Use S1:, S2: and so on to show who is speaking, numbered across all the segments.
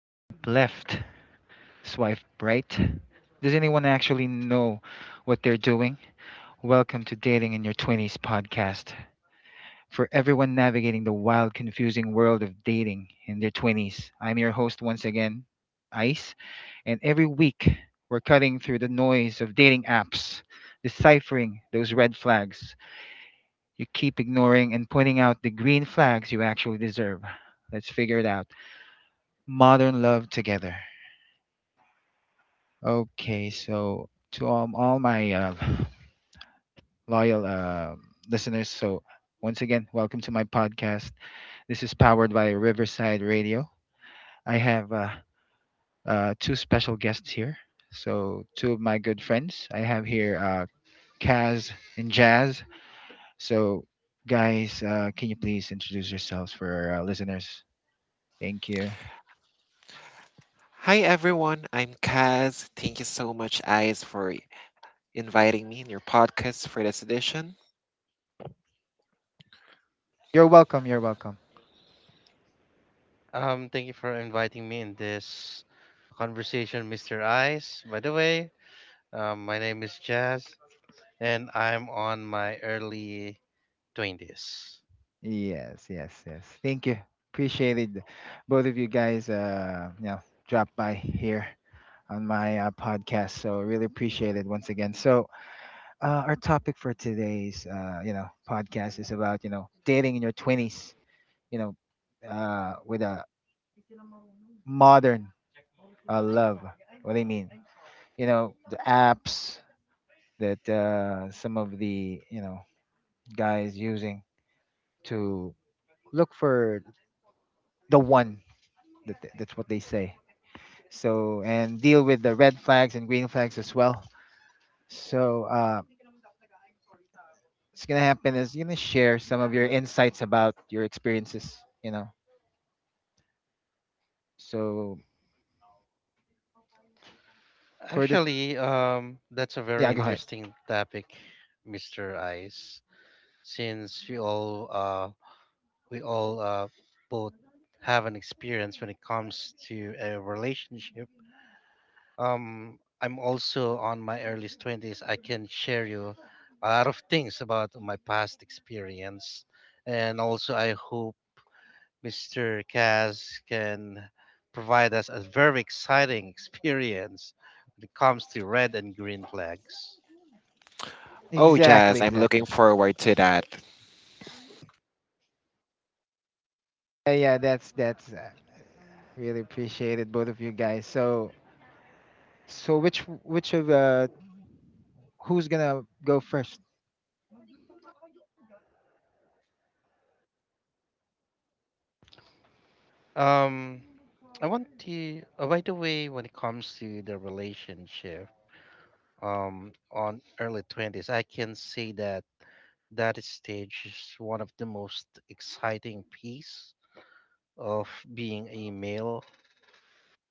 S1: Swipe left, swipe right. Does anyone actually know what they're doing? Welcome to Dating in Your 20s podcast for everyone navigating the wild, confusing world of dating in their 20s. I'm your host once again, Ice, and every week we're cutting through the noise of dating apps, deciphering those red flags you keep ignoring and pointing out the green flags you actually deserve. Let's figure it out. Modern love together. Okay, so to all my loyal listeners, so once again, welcome to my podcast. This is powered by Riverside Radio. I have two special guests here. So, two of my good friends. I have here Kaz and Jazz. So, guys, can you please introduce yourselves for our listeners? Thank you.
S2: Hi everyone, I'm Kaz. Thank you so much, Eyes, for inviting me in your podcast for this edition.
S1: You're welcome. You're welcome.
S3: Thank you for inviting me in this conversation, Mr. Ice. By the way, my name is Jazz, and I'm on my early 20s.
S1: Yes, yes, yes. Thank you. Appreciated both of you guys. You know, drop by here on my podcast. So really appreciate it once again. So our topic for today's you know podcast is about you know dating in your twenties. You know, with a modern love. What do you mean? You know, the apps that some of the you know guys using to look for the one. That's what they say so and deal with the red flags and green flags as well so what's gonna happen is you're gonna share some of your insights about your experiences you know so for the
S3: Actually, that's a very
S1: yeah go ahead.
S3: interesting topic, Mr. Ice, since we all both have an experience when it comes to a relationship. I'm also on my early 20s. I can share you a lot of things about my past experience. And also, I hope Mr. Kaz can provide us a very exciting experience when it comes to red and green flags.
S2: Oh, Jazz,
S1: Exactly,
S2: I'm
S1: exactly.
S2: looking forward to that.
S1: Yeah, yeah, that's really appreciated both of you guys so so which of who's gonna go first?
S3: Um, I want to, oh, by the way, when it comes to the relationship, on early 20s, I can say that stage is one of the most exciting piece of being a male,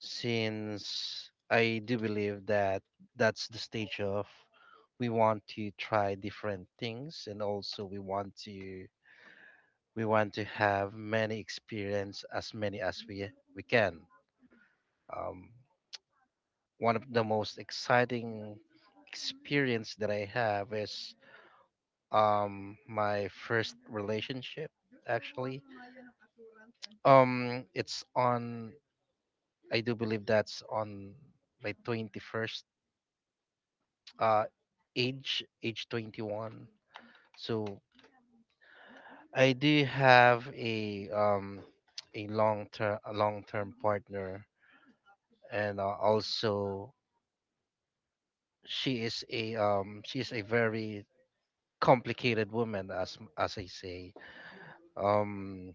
S3: since I do believe that that's the stage of we want to try different things, and also we want to have many experience as many as we can. um, One of the most exciting experience that I have is my first relationship, actually. It's on. I do believe that's on my 21st uh age, age 21. So I do have a long term partner, and also she is a very complicated woman, as I say. Um,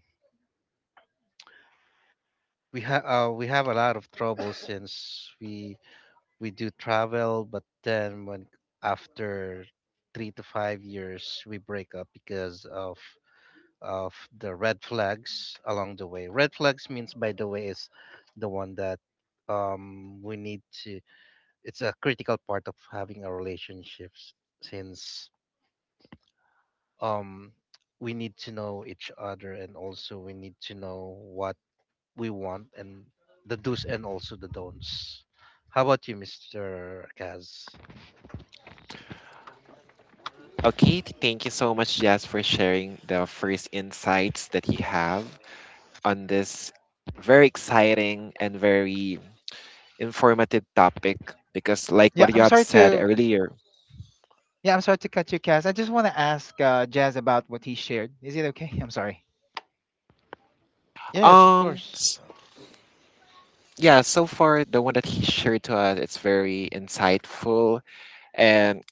S3: we have a lot of trouble since we do travel, but then when after 3 to 5 years, we break up because of the red flags along the way. Red flags means, by the way, is the one that we need to. It's a critical part of having a relationships, since um we need to know each other, and also we need to know what we want, and the do's and also the don'ts. How about you, Mr. Kaz?
S2: Thank you so much, Jazz, for sharing the first insights that you have on this very exciting and very informative topic. Because, like
S1: yeah
S2: what you
S1: i'm
S2: have
S1: sorry
S2: said
S1: to
S2: earlier,
S1: yeah I'm sorry to cut you, Cass. I just want to ask Jazz about what he shared. Is it okay? I'm sorry.
S3: Yes, of
S2: um,
S3: course.
S2: yeah, so far the one that he shared to us, it's very insightful and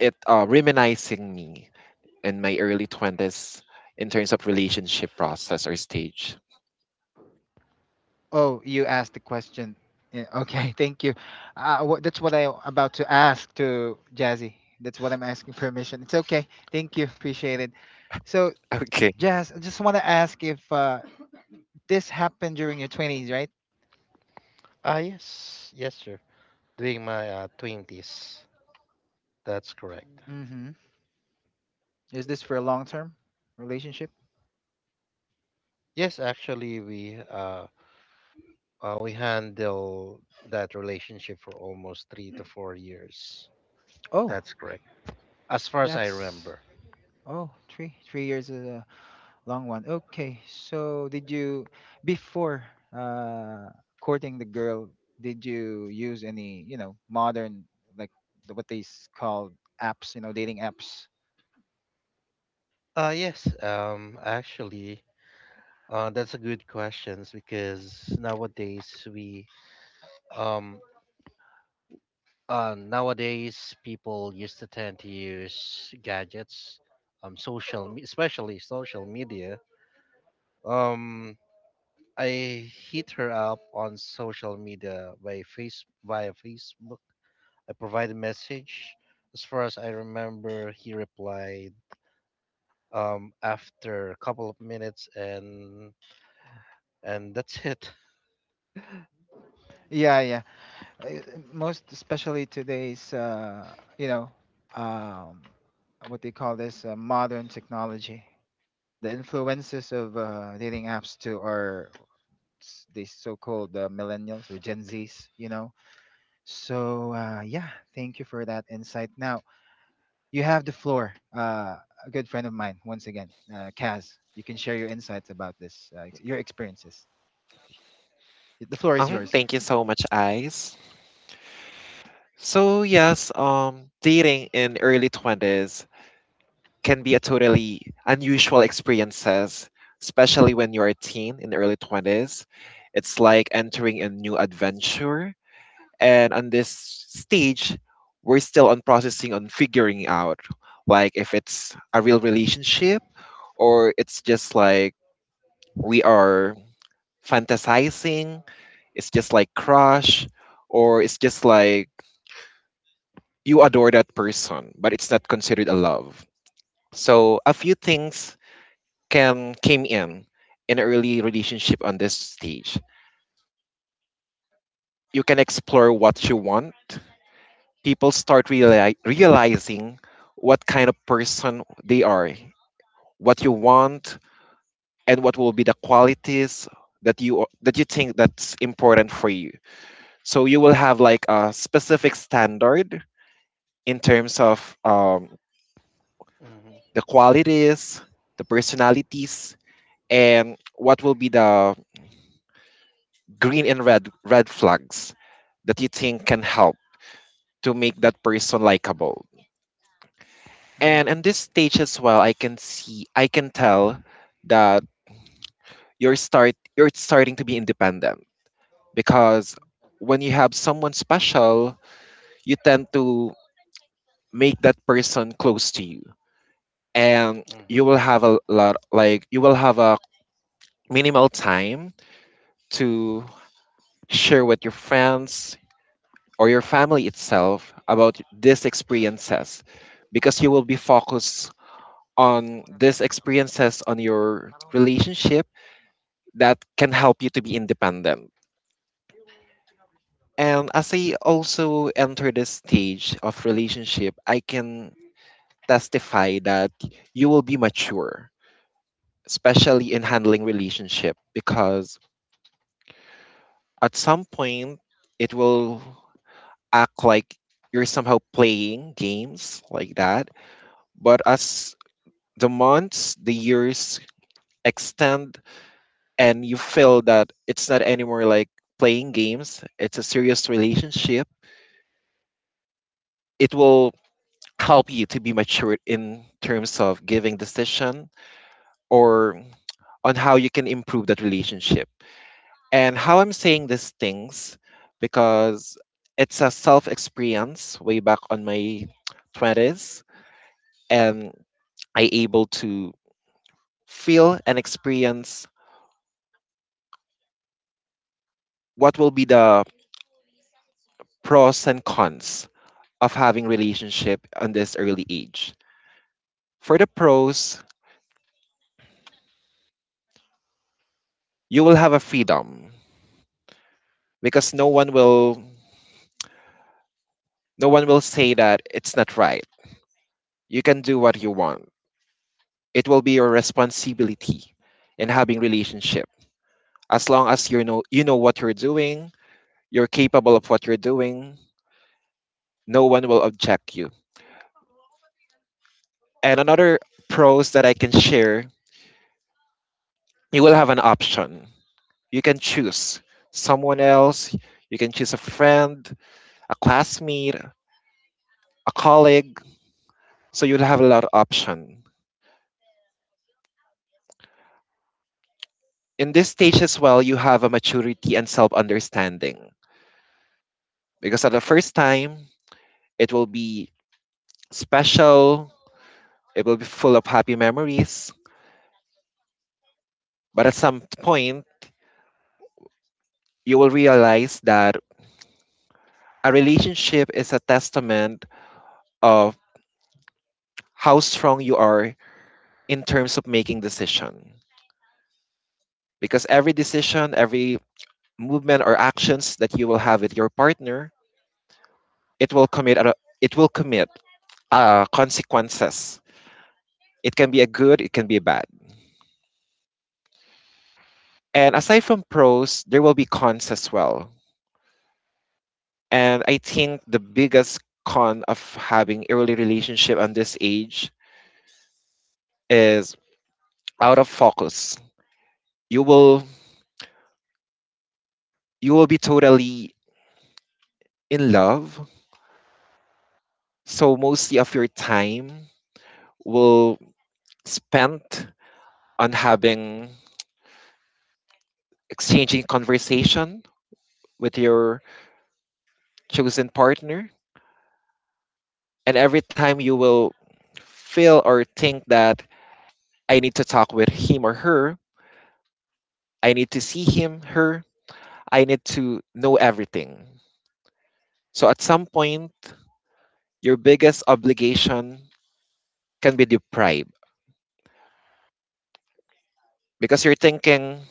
S2: it reminiscing me in my early 20s in terms of relationship process or stage.
S1: Oh, you asked the question. Yeah, okay, thank you. Wha That's what I'm about to ask to Jazzy. That's what I'm asking permission. It's okay. Thank you. Appreciate it. So,
S2: Okay.
S1: Jazz, I just want to ask if this happened during your 20s, right?
S3: Ah, yes, yes, sir. During my 20s, that's correct.
S1: Mm-hmm. Is this for a long-term relationship?
S3: Yes, actually, we handle that relationship for almost 3 to 4 years.
S1: Oh,
S3: That's correct, as far as I
S1: that's
S3: remember.
S1: oh, three years. Long one. Okay. So did you before uh courting the girl, did you use any, you know, modern like the, what they s- call apps, you know, dating apps?
S3: Yes. Actually, that's a good questions, because um nowadays people used to tend to use gadgets, especially social media. Um, I hit her up on social media by face via Facebook. I provided a message. As far as I remember, he replied after a couple of minutes, and that's it.
S1: Yeah, yeah. Uh, Most especially today's you know, um what they call this modern technology. The influences of dating apps to our the so-called millennials or Gen Zs, you know. So yeah, thank you for that insight. Now you have the floor. A good friend of mine, once again, Kaz. You can share your insights about this, your experiences. The floor is yours.
S2: Thank you so much, Ice. So yes, dating in early 20s can be a totally unusual experiences, especially when you're a teen in early 20s. It's like entering a new adventure. And on this stage, we're still on processing on figuring out, like if it's a real relationship or it's just like we are fantasizing, it's just like crush, or it's just like you adore that person, but it's not considered a love. So a few things can came in an early relationship on this stage. You can explore what you want. Realizing what kind of person they are, what you want, and what will be the qualities that you think that's important for you. So you will have like a specific standard in terms of the qualities, the personalities, and what will be the green and red flags that you think can help to make that person likable. And
S1: Mm-hmm.
S2: in this stage as well, I can see, I can tell that you're starting to be independent, because when you have someone special, you tend to make that person close to you, and
S3: Hmm, hmm.
S2: you will have a minimal time to share with your friends or your family itself about these experiences, because you will be focused on these experiences on your relationship that can help you to be independent. And as I also enter this stage of relationship, I can testify that you will be mature, especially in handling relationship, because at some point it will act like you're somehow playing games like that. But as the months, the years extend, and you feel that it's not anymore like playing games, it's a serious relationship, it will help you to be matured in terms of giving decision or on how you can improve that relationship. And how I'm saying these things, because it's a self experience way back on my 20s, and I able to feel and experience what will be the pros and cons of having relationship on this early age. For the pros, you will have a freedom, because no one will say that it's not right. You can do what you want. It will be your responsibility in having relationship. As long as you know what you're doing, you're capable of what you're doing, no one will object you. And another pros that I can share, you will have an option. You can choose someone else, you can choose a friend, a classmate, a colleague. So you'll have a lot of option. In this stage as well, you have a maturity and self-understanding. Because at the first time, it will be special, it will be full of happy memories. But at some point, you will realize that a relationship is a testament of how strong you are in terms of making decision, because every decision, every movement or actions that you will have with your partner, it will commit consequences. It can be a good, it can be bad. And aside from pros, there will be cons as well. And I think the biggest con of having early relationship on this age is out of focus. You will you will be totally in love. So mostly of your time will spent on having exchanging conversation with your chosen partner. And every time you will feel or think that I need to talk with him or her, I need to see him, her, I need to know everything. So at some point, your biggest obligation can be deprived, because you're thinking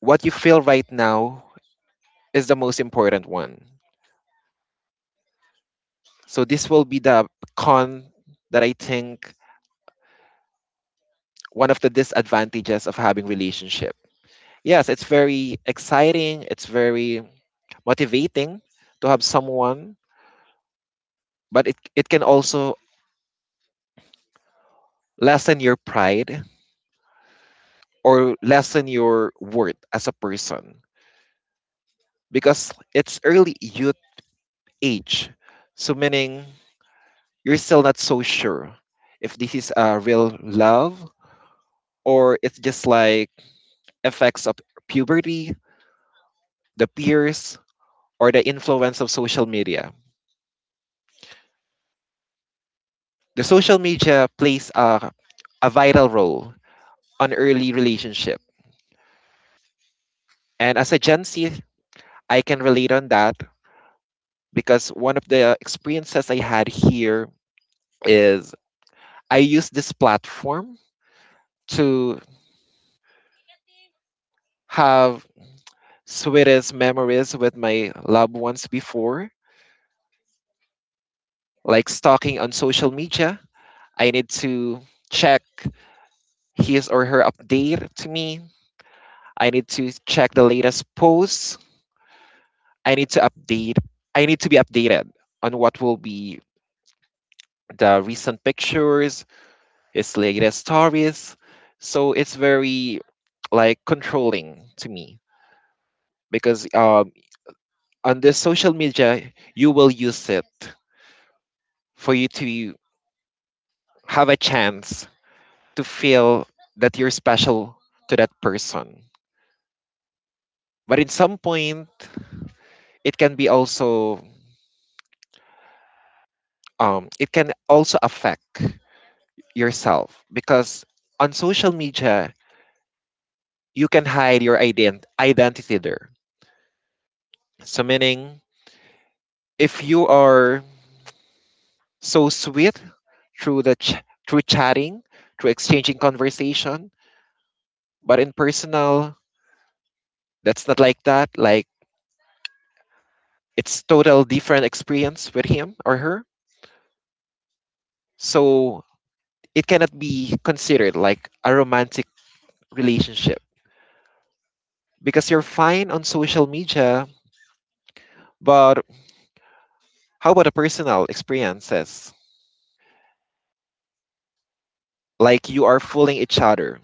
S2: what you feel right now is the most important one. So this will be the con that I think one of the disadvantages of having relationship. Yes, it's very exciting. It's very motivating to have someone, but it can also lessen your pride or lessen your worth as a person, because it's early youth age. So meaning you're still not so sure if this is a real love or it's just like effects of puberty, the peers, or the influence of social media. The social media plays a vital role on early relationship. And as a Gen Z, I can relate on that, because one of the experiences I had here is I used this platform to have sweetest memories with my loved ones before, like stalking on social media. I need to check his or her update to me. I need to check the latest posts. I need to update. I need to be updated on what will be the recent pictures. It's like the stories. So it's very like controlling to me, because on the social media you will use it for you to have a chance to feel that you're special to that person, but at some point it can be also it can also affect yourself, because on social media you can hide your ident- identity there. So meaning if you are so sweet through chatting, through exchanging conversation. But in personal, that's not like that. Like it's total different experience with him or her. So it cannot be considered like a romantic relationship, because you're fine on social media, but how about the personal experiences? Like you are fooling each other.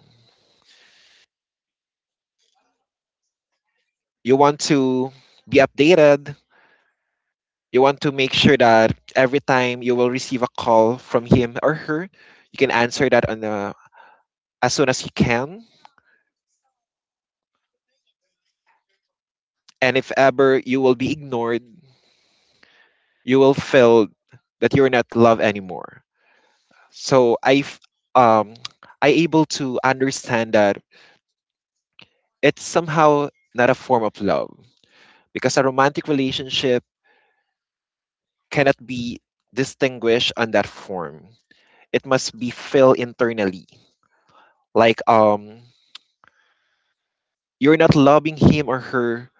S2: You want to be updated. You want to make sure that every time you will receive a call from him or her, you can answer that on the, as soon as you can. And if ever you will be ignored, you will feel that you're not loved anymore. So I, f- um, I able to understand that it's somehow not a form of love, because a romantic relationship cannot be distinguished on that form. It must be felt internally, like you're not loving him or her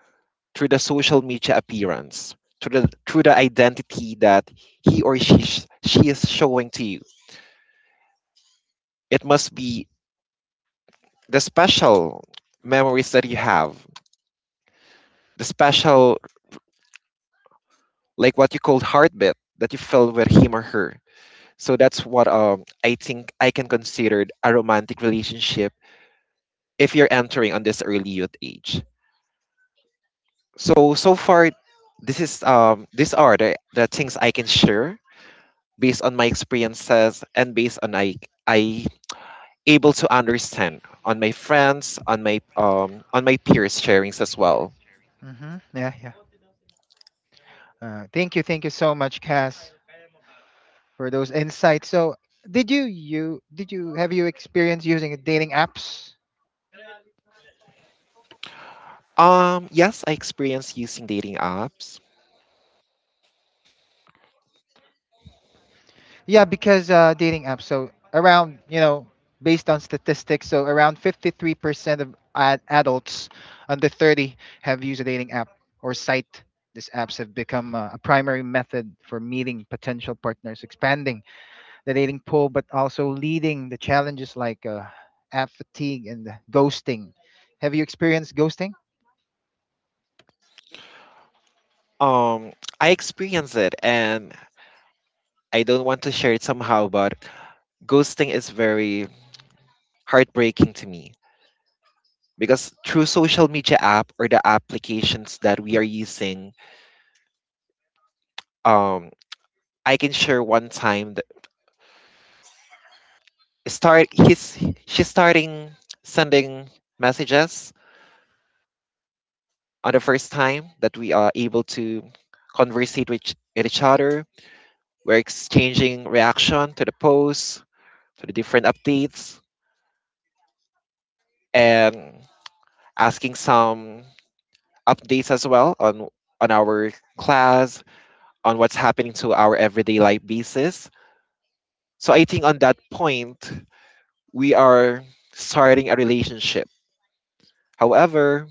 S2: through the social media appearance, through the identity that he or she sh- she is showing to you. It must be the special memories that you have, the special, like what you called heartbeat that you felt with him or her. So that's what I think I can consider a romantic relationship if you're entering on this early youth age. So so far this is these are the things I can share based on my experiences, and based on I able to understand on my friends, on my peers' sharings as well.
S1: Mm-hmm. Yeah, yeah. Thank you so much, Cass, for those insights. So, did you you did you have you experience using dating apps?
S2: Yes, I experienced using dating apps.
S1: Yeah, because dating apps. So around, you know, based on statistics, so around 53% of adults under 30 have used a dating app or site. These apps have become a primary method for meeting potential partners, expanding the dating pool, but also leading the challenges like app fatigue and ghosting. Have you experienced ghosting?
S2: Um, I experienced it, and I don't want to share it somehow, but ghosting is very heartbreaking to me, because through social media app or the applications that we are using, um I can share one time that start he's she's starting sending messages on the first time that we are able to conversate with each other. We're exchanging reaction to the posts, to the different updates, and asking some updates as well on our class, on what's happening to our everyday life basis. So I think on that point we are starting a relationship. However,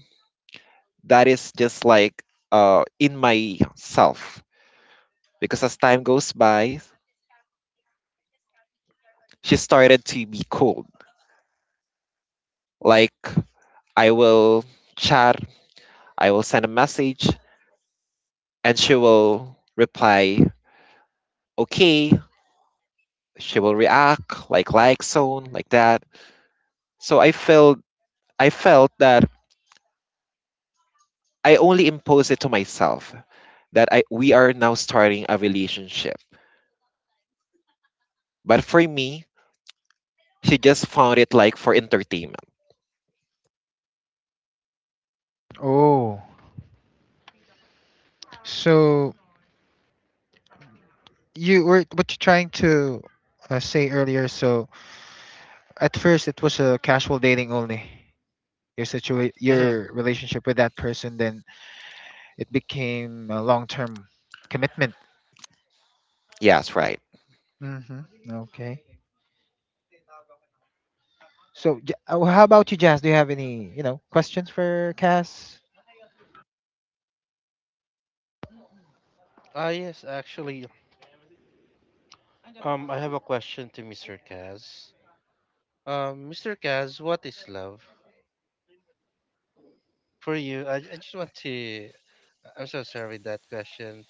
S2: that is just like in myself, because as time goes by she started to be cold. Like I will chat, I will send a message, and she will reply okay, she will react like, so like that. So I felt that I only imposed it to myself that we are now starting a relationship, but for me she just found it like for entertainment.
S1: Oh, so you were what you're trying to say earlier. So at first it was a casual dating only, your
S2: Hmm.
S1: your relationship with that person, then it became a long-term commitment.
S2: Yes, right.
S1: Hmm. Okay. So how about you, Jazz? Do you have any you know questions for Cass?
S3: Ah, yes, actually, I have a question to Mr. Kaz. Mr. Kaz, what is love for you? I just want to. I'm so sorry that question.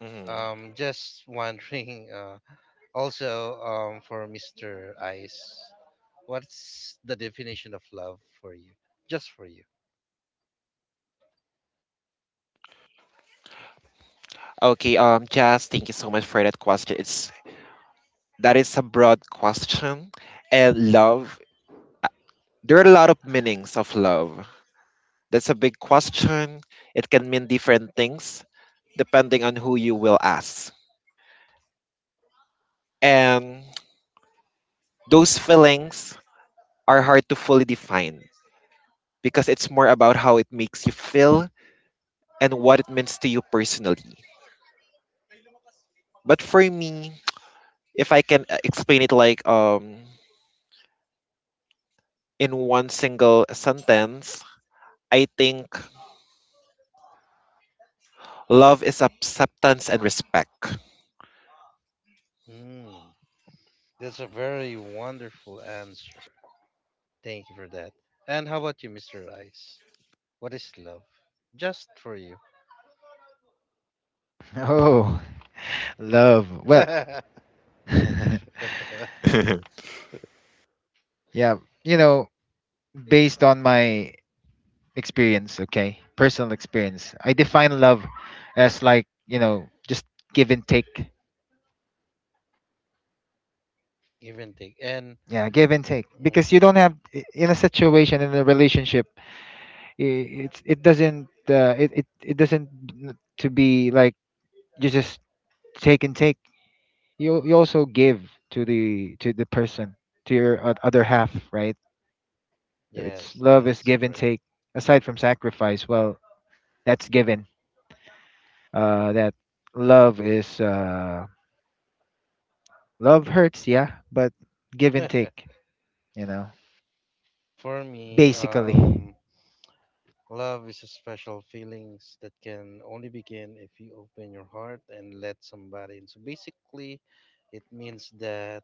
S2: Hmm.
S3: Just wondering. Also, for Mr. Ice, what's the definition of love for you? Just for you.
S2: Okay, Jazz, thank you so much for that question. It's that is a broad question, and love. There are a lot of meanings of love. That's a big question. It can mean different things depending on who you will ask, and those feelings are hard to fully define, because it's more about how it makes you feel and what it means to you personally. But for me, if I can explain it like in one single sentence, I think love is acceptance and respect.
S3: Mm, that's a very wonderful answer. Thank you for that. And how about you, Mr. Ice? What is love? Just for you.
S1: Oh, love. Well, yeah, you know, based on my experience, okay, personal experience, I define love as like, you know, just give and take.
S3: Give and take. And
S1: Yeah, give and take, because you don't have, in a situation, in a relationship, it doesn't it, it it doesn't to be like you just take and take. You also give to the person, to your other half, right? So it's
S3: yes,
S1: love is
S3: that's
S1: give and
S3: correct.
S1: take, aside from sacrifice. Well, that's given. That Love is uh, love hurts, yeah, but give and take, you know,
S3: For me,
S1: basically.
S3: love is a special feelings that can only begin if you open your heart and let somebody in. So basically, it means that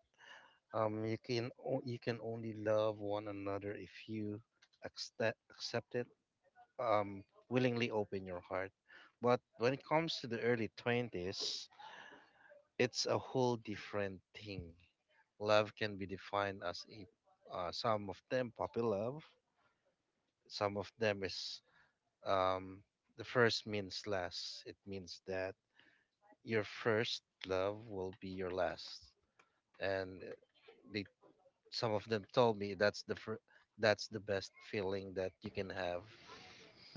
S3: you can only love one another if you accept it, um willingly open your heart. But when it comes to the early 20s, it's a whole different thing. Love can be defined as a some of them puppy love, some of them is um, the first means last. It means that your first love will be your last. And they, some of them told me that's the best feeling that you can have.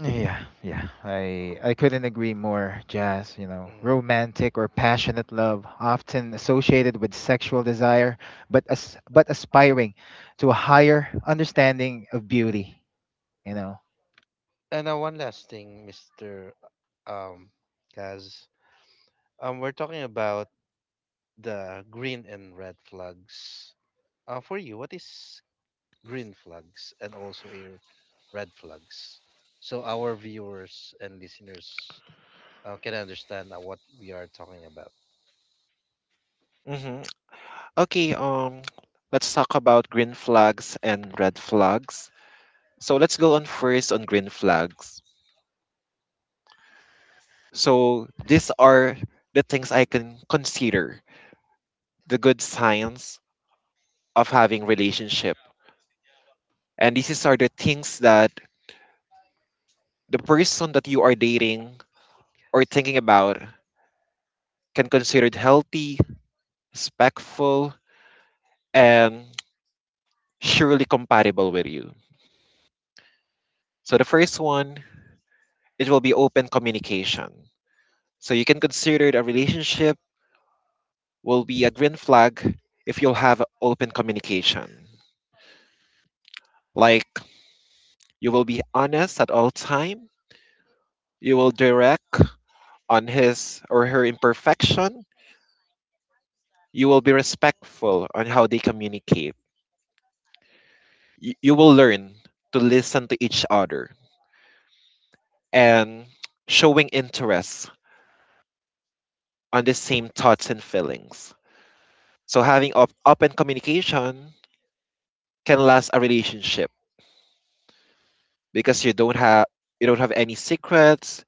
S1: Yeah, yeah. I couldn't agree more, Jazz. You know,
S3: Mm.
S1: romantic or passionate love, often associated with sexual desire, but as but aspiring to a higher understanding of beauty. You know.
S3: And one last thing, Mister um, Kaz, we're talking about the green and red flags. For you, what is green flags and also a red flags, so our viewers and listeners can understand what we are talking about?
S2: Hmm. Okay, let's talk about green flags and red flags. So let's go on first on green flags. So these are the things I can consider the good signs of having relationship, and these are the things that the person that you are dating or thinking about can consider it healthy, respectful, and surely compatible with you. So the first one, it will be open communication. So you can consider a relationship will be a green flag if you'll have open communication. Like, you will be honest at all time. You will direct on his or her imperfection. You will be respectful on how they communicate. You will learn to listen to each other and showing interest on the same thoughts and feelings. So having open communication can last a relationship because you don't have any secrets.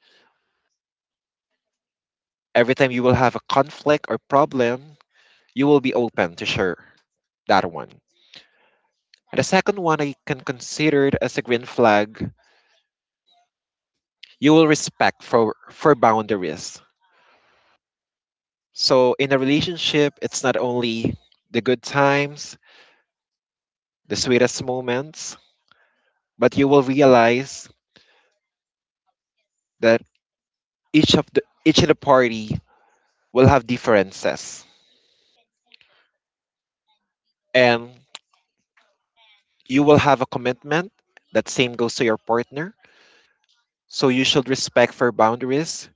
S2: Every time you will have a conflict or problem, you will be open to share that one. And the second one I can consider it as a green flag, you will respect for boundaries. So in a relationship, it's not only the good times, the sweetest moments, but you will realize that each of the party will have differences, and you will have a commitment that same goes to your partner. So you should respect for boundaries,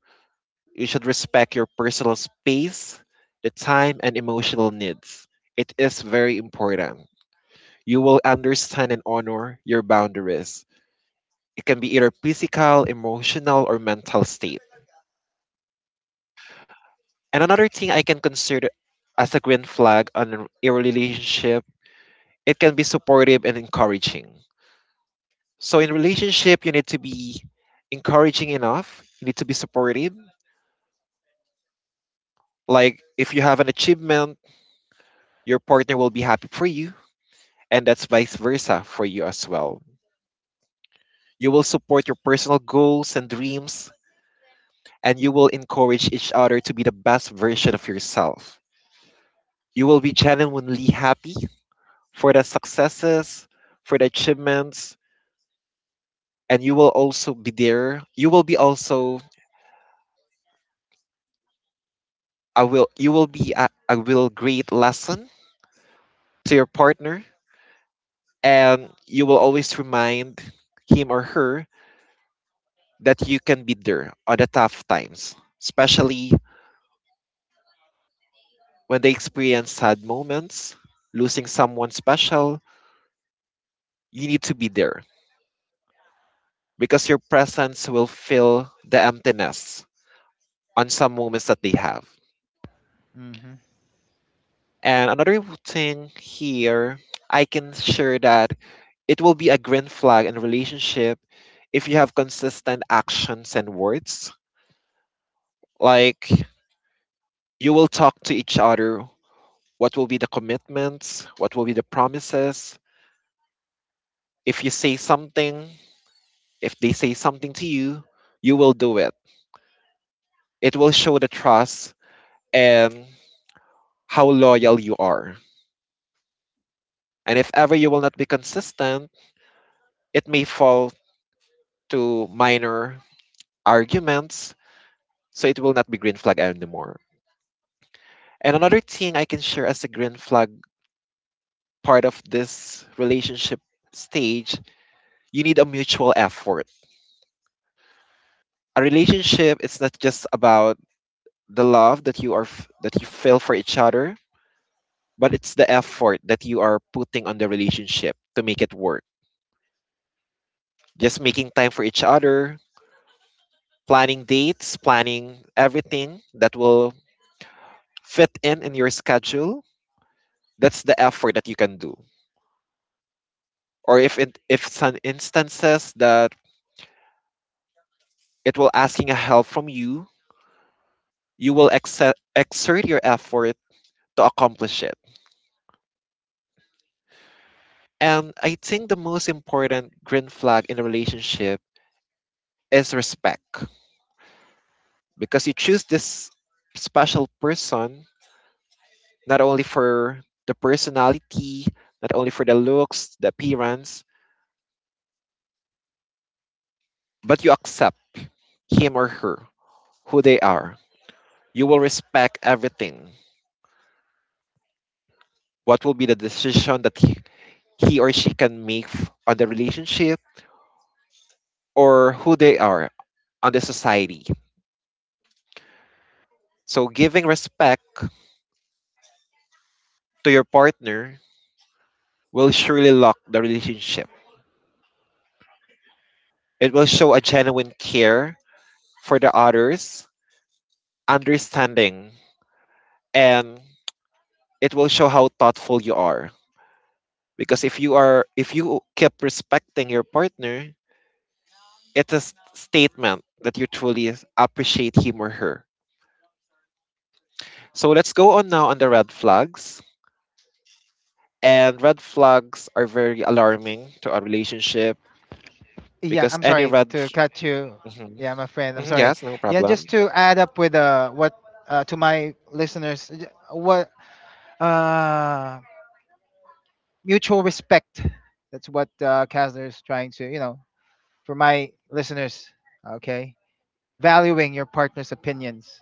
S2: you should respect your personal space, the time and emotional needs. It is very important. You will understand and honor your boundaries. It can be either physical, emotional, or mental state. And another thing I can consider as a green flag on a relationship, it can be supportive and encouraging. So in relationship, you need to be encouraging enough. You need to be supportive. Like, if you have an achievement, your partner will be happy for you, and that's vice versa for you as well. You will support your personal goals and dreams, and you will encourage each other to be the best version of yourself. You will be genuinely happy for the successes, for the achievements, and you will also be there. You will be also a will you will be a real great lesson to your partner, and you will always remind him or her that you can be there at the tough times, especially when they experience sad moments, losing someone special. You need to be there because your presence will fill the emptiness on some moments that they have.
S1: Hmm.
S2: And another thing here, I can share that it will be a green flag in relationship if you have consistent actions and words. Like, you will talk to each other. What will be the commitments? What will be the promises? If you say something, if they say something to you, you will do it. It will show the trust and how loyal you are. And if ever you will not be consistent, it may fall to minor arguments. So it will not be green flag anymore. And another thing I can share as a green flag part of this relationship stage, you need a mutual effort. A relationship is not just about the love that you feel for each other, but it's the effort that you are putting on the relationship to make it work. Just making time for each other, planning dates, planning everything that will fit in your schedule. That's the effort that you can do. Or if some instances that it will asking a help from you. You will exert your effort to accomplish it. And I think the most important green flag in a relationship is respect because you choose this special person not only for the personality, not only for the looks, the appearance, but you accept him or her, who they are. You will respect everything. What will be the decision that he or she can make on the relationship, or who they are on the society? So giving respect to your partner will surely lock the relationship. It will show a genuine care for the others, understanding, and it will show how thoughtful you are. Because if you keep respecting your partner, it's a statement that you truly appreciate him or her. So let's go on now on the red flags. And red flags are very alarming to a relationship
S1: Yeah,
S2: because
S1: I'm
S2: any
S1: sorry
S2: red.
S1: to cut you.
S2: Hmm.
S1: Yeah, my friend. I'm
S2: Hmm.
S1: sorry.
S2: Yes, no
S1: Yeah,
S2: problem.
S1: just to add up with what to my listeners, j- what uh mutual respect. That's what Kasler is trying to you know for my listeners. Okay. Valuing your partner's opinions,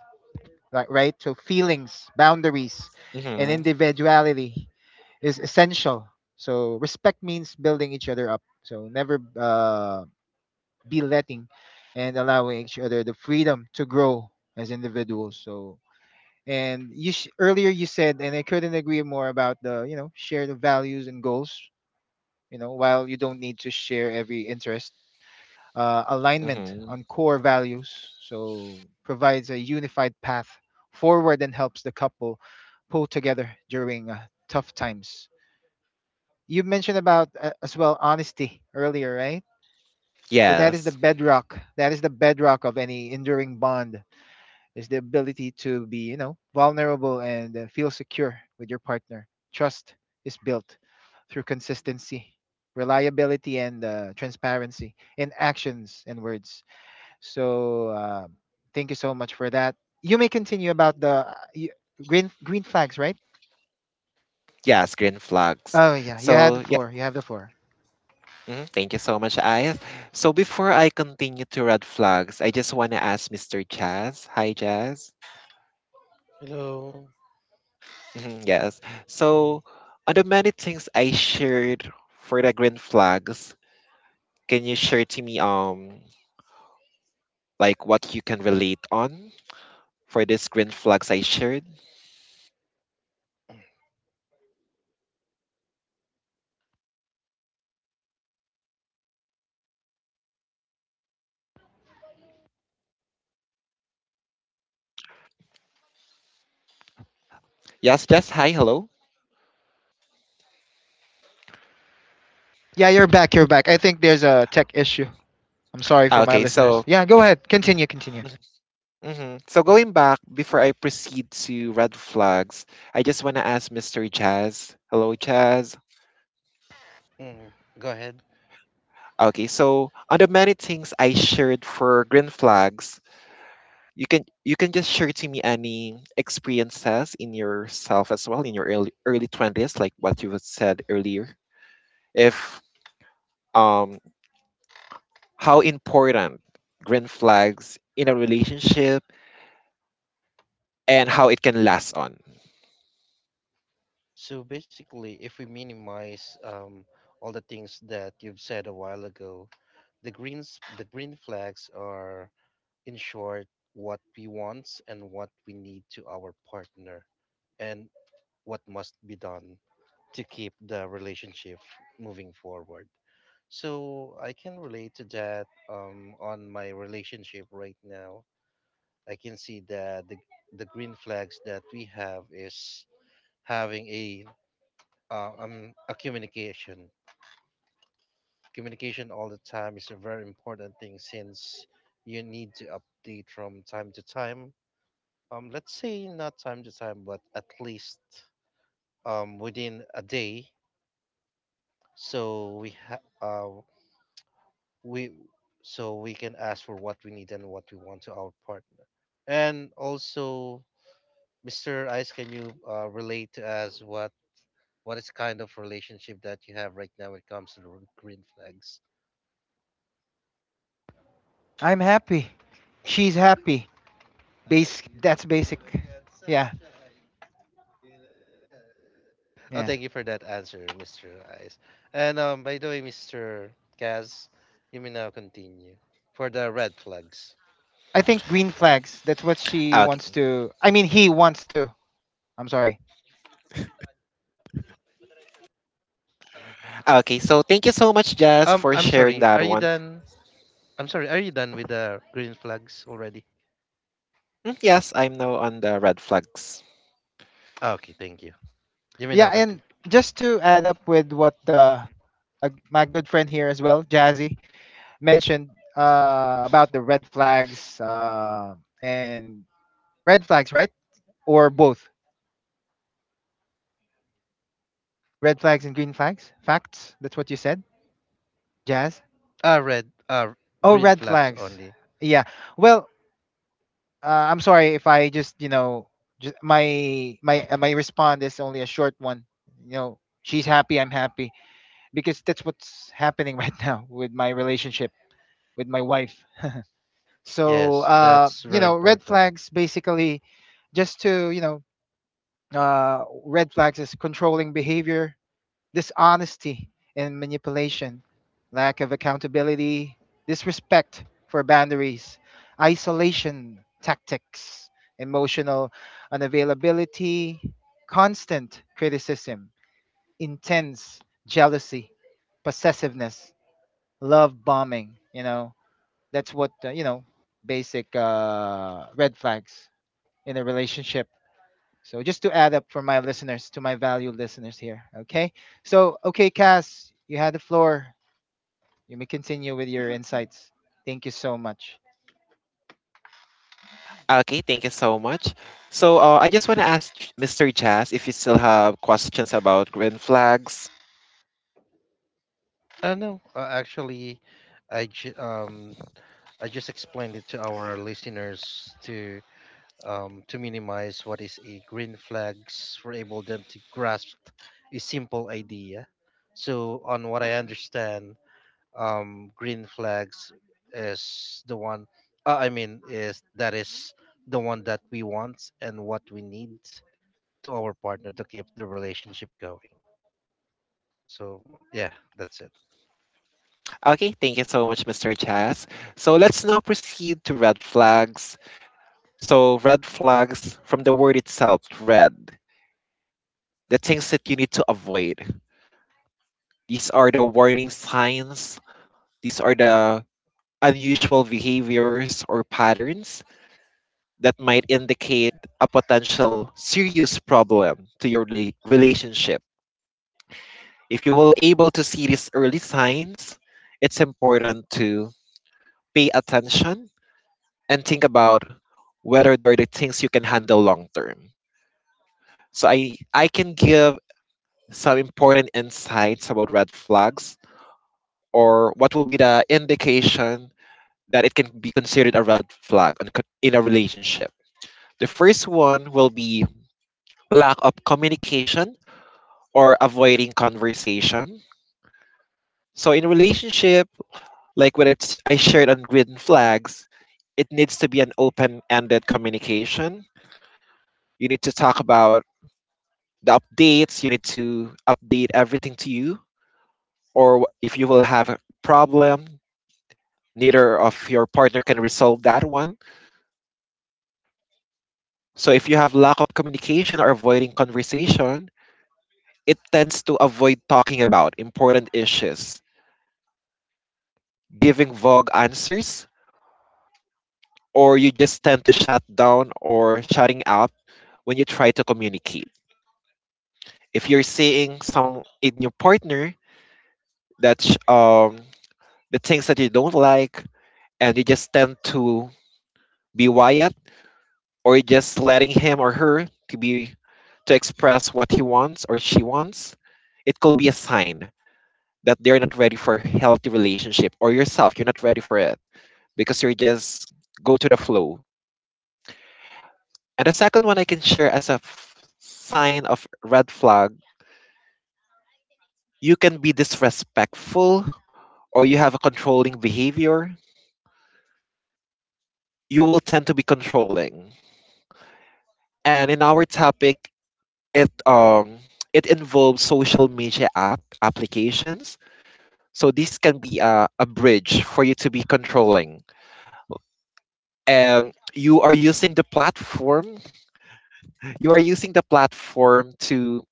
S1: like, right? So, feelings, boundaries, and
S2: Hmm.
S1: individuality is essential. So, respect means building each other up. So, never be letting and allowing each other the freedom to grow as individuals. So, and earlier you said, and I couldn't agree more about the you know share the values and goals. You know, while you don't need to share every interest, alignment
S2: Hmm.
S1: on core values, so provides a unified path forward and helps the couple pull together during tough times. You mentioned about as well honesty earlier, right? So that is the
S2: Yes,
S1: bedrock. That is the bedrock of any enduring bond, is the ability to be, you know, vulnerable and feel secure with your partner. Trust is built through consistency, reliability, and transparency in actions and words. So thank you so much for that. You may continue about the green flags, right?
S2: yes, green flags.
S1: Oh yeah, you had the
S2: So, yeah,
S1: floor. You have the floor.
S2: mhm, thank you so much, Ice. So before I continue to red flags, I just want to ask Mr. Jazz. Hi, Jazz.
S3: Hello.
S2: Mhm, yes.
S3: Mm,
S2: So on the many things I shared for the green flags, can you share to me like what you can relate on for these green flags I shared? And you can share uh, experience from yourself as well. Yes, Jess. Hi. Hello.
S1: Yeah, you're back. You're back. I think there's a tech issue. I'm sorry for
S2: Ah,
S1: my
S2: okay,
S1: listeners.
S2: so,
S1: Yeah, go ahead. Continue. Continue.
S2: mhm, so going back before I proceed to red flags, I just want to ask Mr. Jazz. Hello, Jazz.
S3: mm, go ahead.
S2: Okay, so on the many things I shared for green flags, you can just share to me any experiences in yourself as well in your early twenties, like what you had said earlier. If um how important green flags in a relationship and how it can last on.
S3: So basically, if we minimize all the things that you've said a while ago, the green flags are, in short, what we want and what we need to our partner, and what must be done to keep the relationship moving forward. So I can relate to that, on my relationship right now. I can see that the green flags that we have is having a communication. Communication all the time is a very important thing, since you need to update from time to time. Let's say not time to time, but at least within a day. So we ha- uh we so we can ask for what we need and what we want to our partner. And also, Mr. Ice, can you relate to us what? What is kind of relationship that you have right now when it comes to the green flags?
S1: I'm happy. She's happy. Base. That's basic. Yeah.
S3: Oh,
S1: Yeah.
S3: thank you for that answer, Mr. Ice. And by the way, Mr. Kaz, you may now continue for the red flags.
S1: I think green flags. That's what
S2: Okay.
S1: she wants to. I mean, he wants to. I'm sorry.
S2: Okay. So thank you so much, Jazz, for
S3: I'm
S2: sharing
S3: sorry.
S2: that
S3: Are you
S2: one.
S3: done? I'm sorry. Are you done with the green flags already?
S2: Mm, yes, I'm now on the red flags.
S3: Ah, okay, thank you. You may
S1: Yeah,
S3: now
S1: and
S3: continue.
S1: just to add up with what my good friend here as well, Jazzy, mentioned about the red flags and red flags, right? Or both red flags and green flags? Facts? That's what you said, Jazz?
S3: Ah, red. Ah,
S1: Oh,
S3: green
S1: red
S3: flags
S1: flags.
S3: only.
S1: Yeah. Well, I'm sorry if I just, you know, just my response is only a short one. You know, she's happy, I'm happy, because that's what's happening right now with my relationship with my wife. So,
S3: Yes, that's
S1: you
S3: very
S1: know, red
S3: important.
S1: flags basically, just to, you know, red flags is controlling behavior, dishonesty and manipulation, lack of accountability, disrespect for boundaries, isolation tactics, emotional unavailability, constant criticism, intense jealousy, possessiveness, love bombing. You know, that's what, you know, basic red flags in a relationship, so just to add up for my listeners, to my valued listeners here. Okay. So okay, Cass, you had the floor. You may continue with your insights. Thank you so much.
S2: Okay. Thank you so much. So I just want to ask Mr. Jazz if you still have questions about green flags.
S3: No, actually, I ju- um I just explained it to our listeners to, to minimize what is a green flags for able them to grasp a simple idea. So on what I understand, green flags is the one. I mean, is the one that we want and what we need to our partner to keep the relationship going. So yeah, that's it.
S2: Okay. Thank you so much, Mr. Jazz. So let's now proceed to red flags. So red flags, from the word itself, red, the things that you need to avoid. These are the warning signs, these are the unusual behaviors or patterns that might indicate a potential serious problem to your relationship. If you were able to see these early signs, it's important to pay attention and think about whether they're the things you can handle long term. So I can give some important insights about red flags, or what will be the indication that it can be considered a red flag in a relationship? The first one will be lack of communication or avoiding conversation. So in relationship, like what I shared on green flags, it needs to be an open-ended communication. You need to talk about the updates. You need to update everything to you, or if you will have a problem, neither of your partner can resolve that one. So if you have lack of communication or avoiding conversation, it tends to avoid talking about important issues, giving vague answers, or you just tend to shut down or shutting up when you try to communicate. If you're seeing some in your partner that's the things that you don't like, and you just tend to be quiet or just letting him or her to express what he wants or she wants, it could be a sign that they're not ready for healthy relationship, or yourself you're not ready for it because you're just go to the flow. And the second one I can share as a sign of red flag, you can be disrespectful, or you have a controlling behavior. You will tend to be controlling, and in our topic, it um it involves social media applications. So this can be a bridge for you to be controlling, and you are using the platform you are using the platform to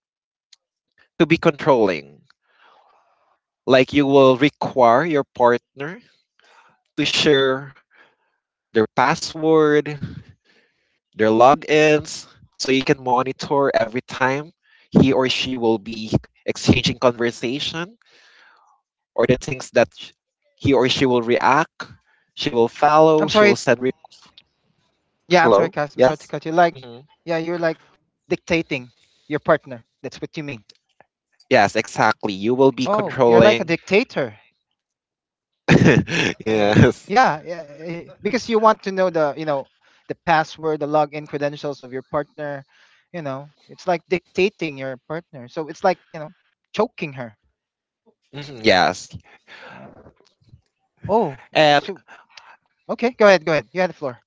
S2: to be controlling. Like, you will require your partner to share their password, their logins, so you can monitor every time he or she will be exchanging conversation, or the things that he or she will react, she will follow,
S1: I'm
S2: she will
S1: sorry.
S2: send re-.
S1: Yeah, I'm sorry,
S2: Hello,
S1: Cass. I'm sorry to
S2: yes.
S1: cut you. Like,
S2: Hmm.
S1: yeah, you're like dictating your partner. That's what you mean.
S2: Yes, exactly, you will be
S1: Oh, you're like a
S2: controlling.
S1: dictator. Oh my.
S2: Yes.
S1: Yeah, yeah. Eh, because you want to know the, you know, the password, the login credentials of your partner. You know, it's like dictating your partner. So it's like, you know, choking her.
S2: Mhm, yes.
S1: Oh, y- so okay, go ahead, go ahead. You had the floor.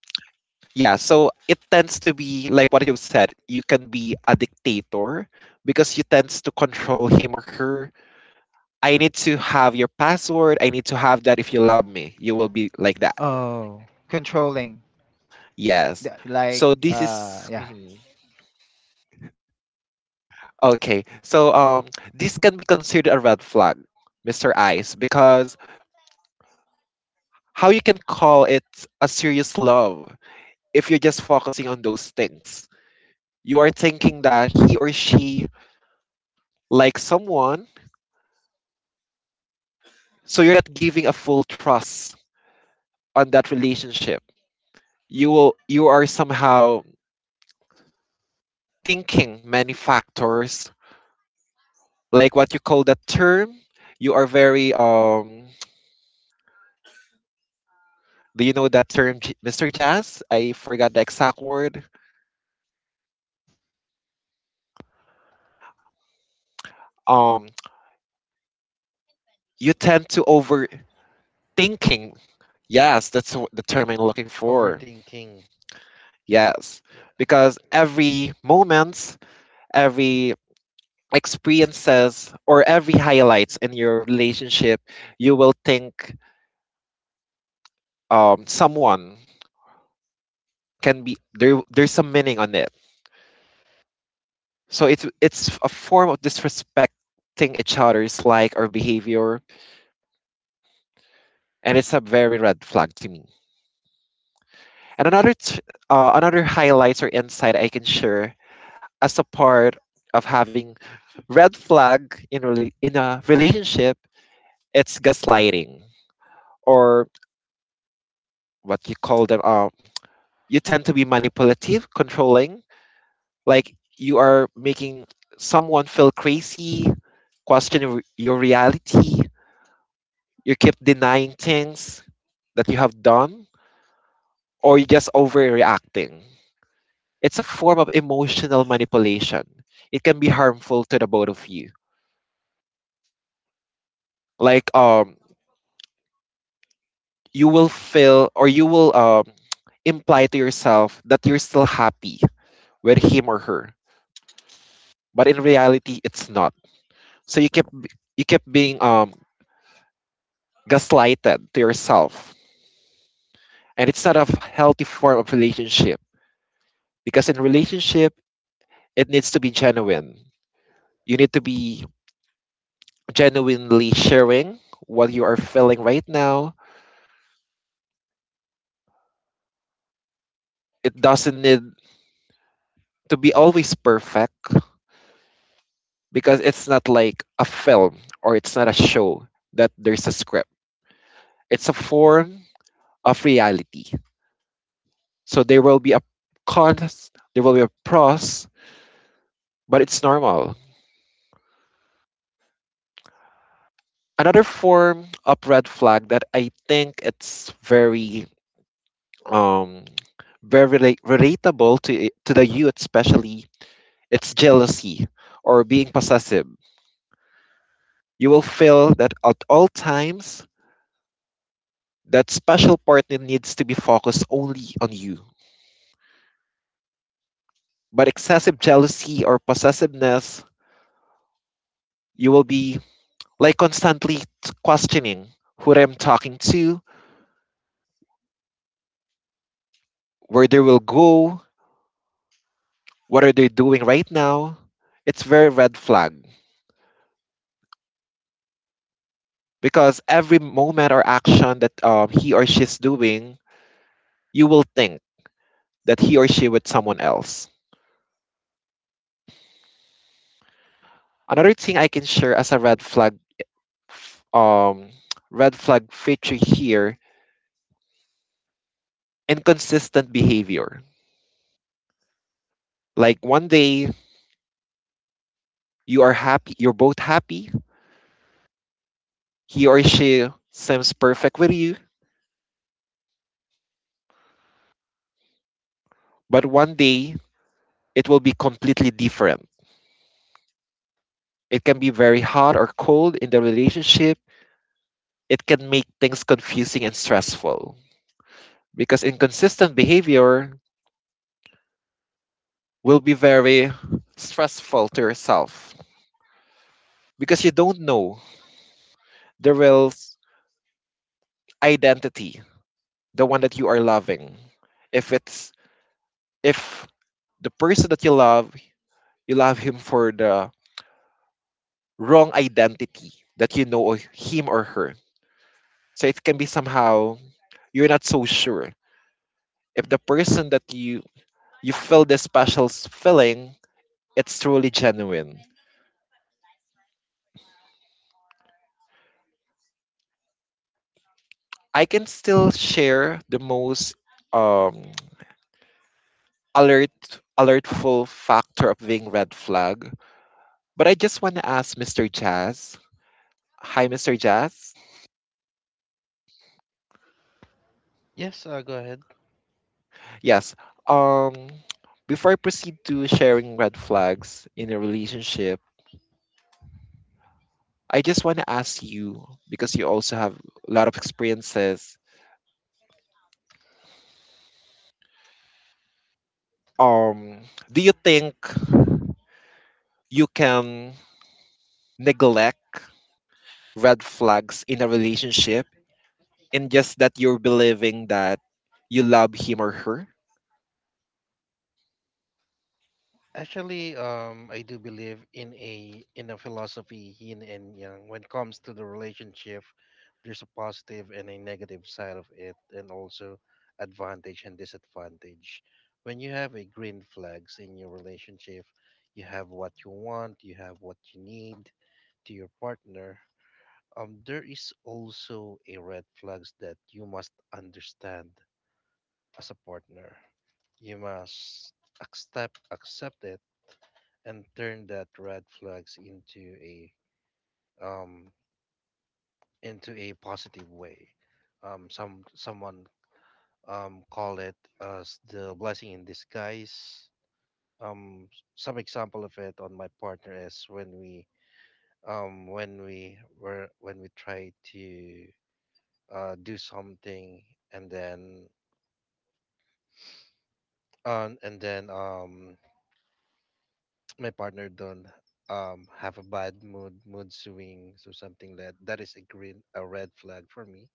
S2: Yeah, so it tends to be like what you've said. You can be a dictator because you tends to control him or her. I need to have your password. I need to have that. If you love me, you will be like that.
S1: Oh, controlling,
S2: Yes. So this is.
S1: yeah.
S2: Mhm. Okay. So this can be considered a red flag, Mr. Ice, because how you can call it a serious love if you're just focusing on those things? You are thinking that he or she likes someone, so you're not giving a full trust on that relationship. You are somehow thinking many factors, like what you call that term. You are very. Do you know that term, Mr. Jazz? I forgot the exact word. Um, you tend to overthinking. Yes, that's the term I'm looking for.
S3: Overthinking.
S2: Yes,
S3: Yeah.
S2: because every moment, every experiences or every highlights in your relationship, you will think someone can be there. There's some meaning on it. So it's a form of disrespecting each other's like or behavior, and it's a very red flag to me. And another highlights or insight I can share as a part of having red flag in in a relationship, it's gaslighting, or what you call them. You tend to be manipulative, controlling. Like, you are making someone feel crazy, question your reality. You keep denying things that you have done, or you're just overreacting. It's a form of emotional manipulation. It can be harmful to the both of you. Like um, you will feel, or you will imply to yourself that you're still happy with him or her, but in reality, it's not. So you keep being gaslighted to yourself. And it's not a healthy form of relationship because in relationship, it needs to be genuine. You need to be genuinely sharing what you are feeling right now. It doesn't need to be always perfect because it's not like a film or it's not a show that there's a script. It's a form of reality. So there will be a cons, there will be a pros, but it's normal. Another form of red flag that I think it's very um very relatable to to the youth especially, it's jealousy or being possessive. You will feel that at all times that special partner needs to be focused only on you. But excessive jealousy or possessiveness, you will be like constantly questioning who I'm talking to, where they will go, what are they doing right now. It's very red flag because every moment or action that he or she's doing, you will think that he or she with someone else. Another thing I can share as a red flag, f- um, red flag feature here: inconsistent behavior. Like one day you are happy, you're both happy. He or she seems perfect with you, but one day it will be completely different. It can be very hot or cold in the relationship. It can make things confusing and stressful, because inconsistent behavior will be very stressful to yourself because you don't know the identity, the one that you are loving. If it's if the person that you love him for the wrong identity that you know of him or her. So it can be somehow you're not so sure if the person that you feel this special feeling, it's truly genuine. I can still share the most um alertful factor of being red flag. But I just want to ask Mr. Jazz. Hi, Mr. Jazz.
S3: Yes. Go ahead.
S2: Yes. Um, Before I proceed to sharing red flags in a relationship, I just want to ask you because you also have a lot of experiences. Um, do you think you can neglect red flags in a relationship and just that you're believing that you love him or her?
S3: Actually, I do believe in a philosophy yin and yang. When it comes to the relationship, there's a positive and a negative side of it, and also advantage and disadvantage. When you have a green flags in your relationship, you have what you want, you have what you need to your partner. There is also a red flags that you must understand as a partner. You must accept it and turn that red flags um into a positive way. Some someone call it as the blessing in disguise. Some example of it on my partner is when we were when we try to do something, and then and then my partner don't have a bad mood swing, so something — that is a red flag for me,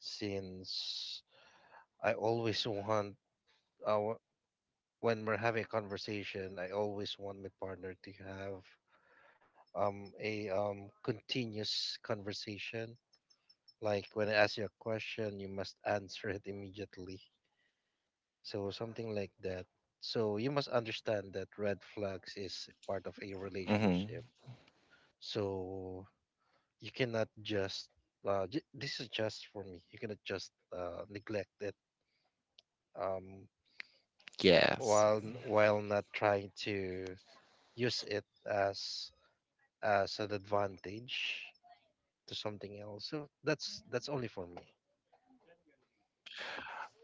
S3: since I always want, uh, when we're having a conversation, I always want my partner to have a continuous conversation. Like when I ask you a question, you must answer it immediately. So something like that. So you must understand that red flags is part of a
S2: Mm-hmm.
S3: relationship. So you cannot just j- This is just for me. You cannot just neglect it. Um,
S2: Yes.
S3: while not trying to use it as as an advantage to something else. So that's only for me.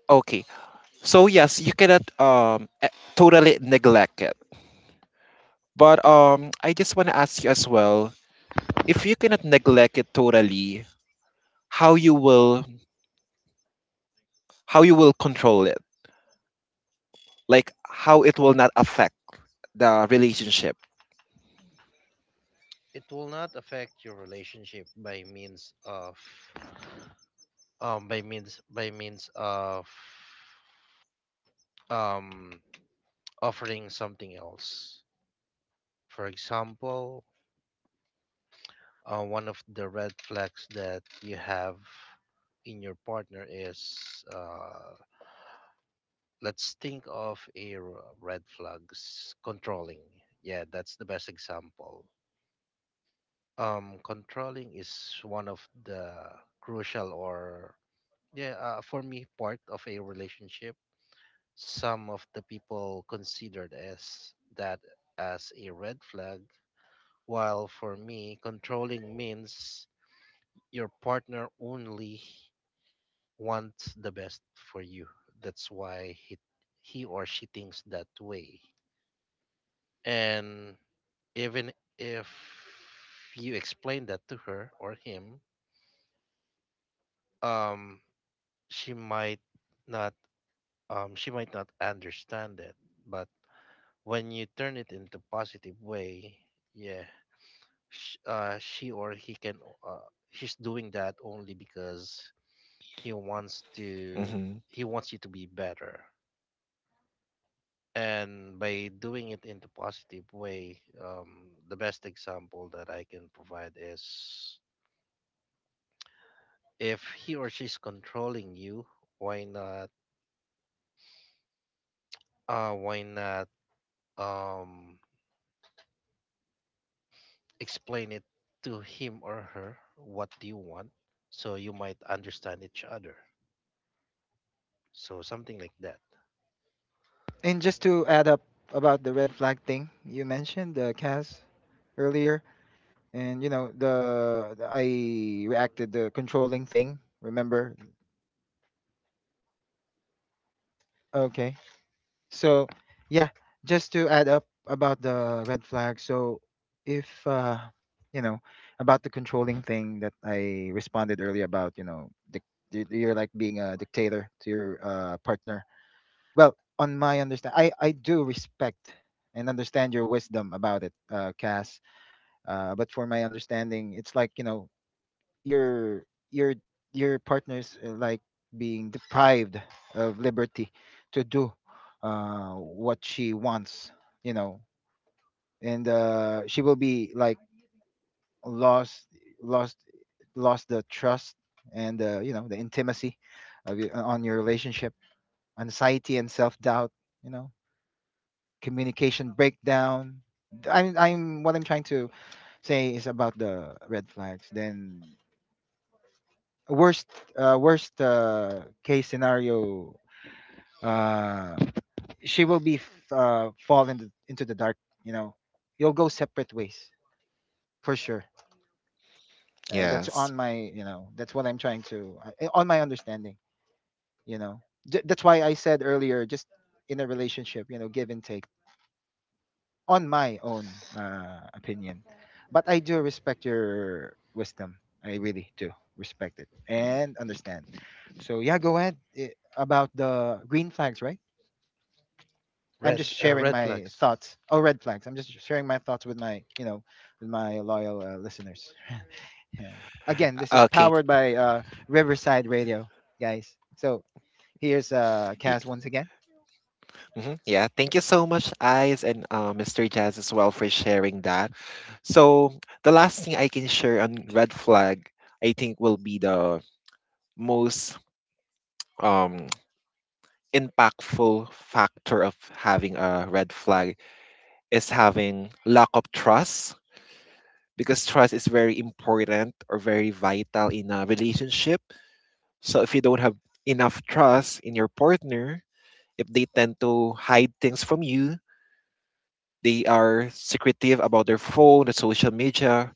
S2: Okay. So yes, you cannot totally neglect it. But I just want to ask you as well, if you cannot neglect it totally, how you will how you will control it? Like how it will not affect the relationship.
S3: It will not affect your relationship by means of, by means of, um offering something else. For example, one of the red flags that you have in your partner is, let's think of a red flags: controlling. Yeah, that's the best example. Controlling is one of the crucial, or yeah, for me, part of a relationship. Some of the people considered as that as a red flag, while for me controlling means your partner only wants the best for you. That's why he or she thinks that way. And even if you explain that to her or him, um, she might not she might not understand it. But when you turn it into positive way, yeah, she or he can. She's doing that only because he wants to.
S2: Mhm.
S3: He wants you to be better. And by doing it in the positive way, the best example that I can provide is, if he or she's controlling you, why not why not um explain it to him or her what do you want, so you might understand each other. So something like that.
S1: And just to add up about the red flag thing you mentioned, the Cas, earlier, and you know the I reacted the controlling thing. Remember? Okay. So yeah, just to add up about the red flag. So if you know about the controlling thing that I responded earlier about, you know, you're like being a dictator to your partner. Well, on my understand, I do respect and understand your wisdom about it, Cass. But for my understanding, it's like you know your your your partner's like being deprived of liberty to do what she wants, you know, and she will be like lost lost lost the trust and you know the intimacy of your, on your relationship, anxiety and self doubt, you know, communication breakdown. I'm what I'm trying to say is about the red flags. Then worst worst case scenario, uh, she will be fall into the dark, you know, you'll go separate ways for sure. That's
S2: Yes.
S1: on my you know that's what I'm trying to on my understanding, you know. That's why I said earlier, just in a relationship, you know, give and take, on my own opinion. But I do respect your wisdom. I really do respect it and understand. So yeah, go ahead about the green flags, right? I'm just
S3: Red uh,
S1: sharing
S3: red
S1: my
S3: flags.
S1: thoughts. Oh, red flags. I'm just sharing my thoughts with my, you know, with my loyal listeners. Yeah. Again, this is
S2: Okay.
S1: powered by Riverside Radio, guys. So here's Kaz once again.
S2: Mhm. Yeah, thank you so much, Eyes, and Mr. Jazz as well for sharing that. So the last thing I can share on red flag, I think, will be the most um, impactful factor of having a red flag is having lack of trust because trust is very important or very vital in a relationship. So if you don't have enough trust in your partner, if they tend to hide things from you, they are secretive about their phone, the social media,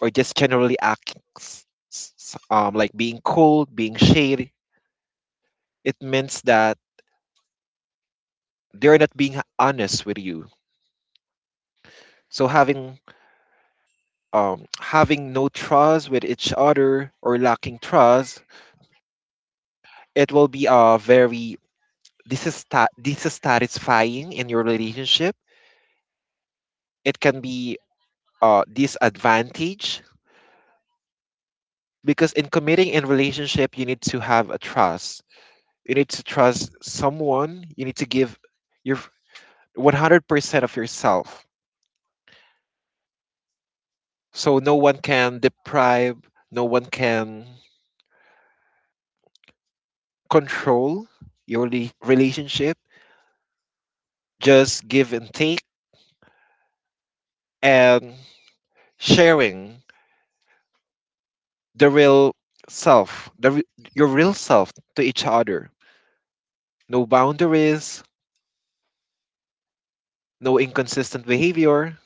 S2: or just generally acting like being cold, being shady. It means that they're not being honest with you. So having no trust with each other or lacking trust, it will be a very dissatisfying in your relationship. It can be a disadvantage because in committing in relationship, you need to have a trust. You need to trust someone. You need to give your 100% of yourself. So no one can deprive, no one can control your relationship. Just give and take and sharing the real self, your real self to each other. No boundaries, no inconsistent behavior.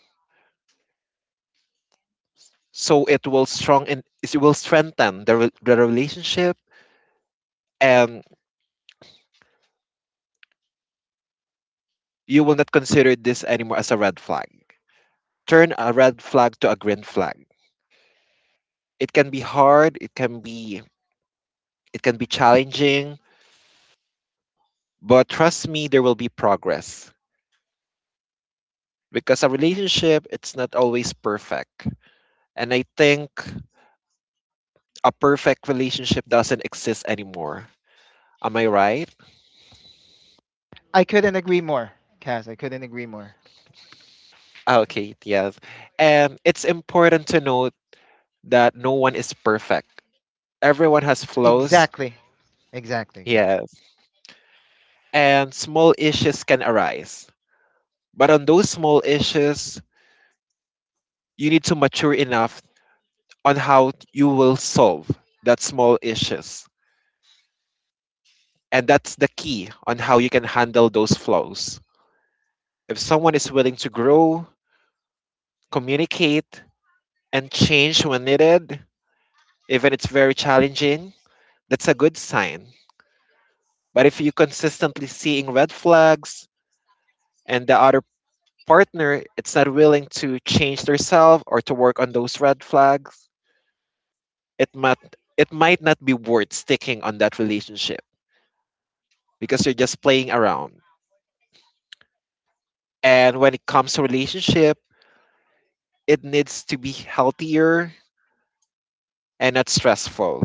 S2: So it will strengthen the relationship, and you will not consider this anymore as a red flag. Turn a red flag to a green flag. It can be hard, it can be challenging, but trust me there will be progress because a relationship it's not always perfect. And I think a perfect relationship doesn't exist anymore. Am I right?
S1: I couldn't agree more, Kaz. I couldn't agree more.
S2: Ah, okay, yes. And it's important to note that no one is perfect. Everyone has flaws.
S1: Exactly. Exactly. Exactly.
S2: Yes. And small issues can arise. But on those small issues, you need to mature enough on how you will solve that small issues. And that's the key on how you can handle those flaws. If someone is willing to grow, communicate, and change when needed, even it's very challenging, that's a good sign. But if you consistently seeing red flags and the other partner it's not willing to change themselves or to work on those red flags, it might it might not be worth sticking on that relationship because you're just playing around. And when it comes to relationship, it needs to be healthier and not stressful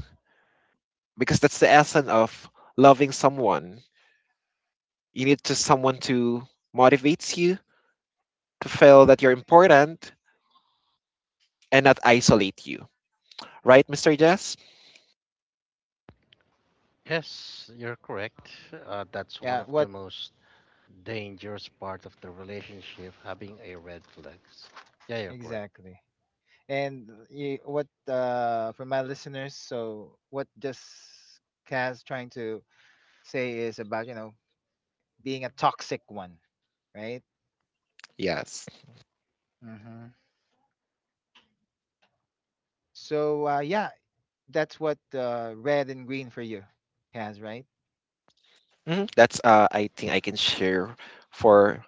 S2: because that's the essence of loving someone. You need to someone to motivates you to feel that you're important and not isolate you. Right, Mr. Jess?
S3: Yes, you're correct. That's one
S1: Yeah,
S3: of the
S1: what
S3: most dangerous part of the relationship, having a red flags. Yeah, you're correct.
S1: exactly? And you, what for my listeners? So what just Kaz trying to say is about you know being a toxic one, right?
S2: Yes.
S1: Hmm. So yeah, that's what red and green for you, Kaz, right?
S2: Mhm. That's I think I can share for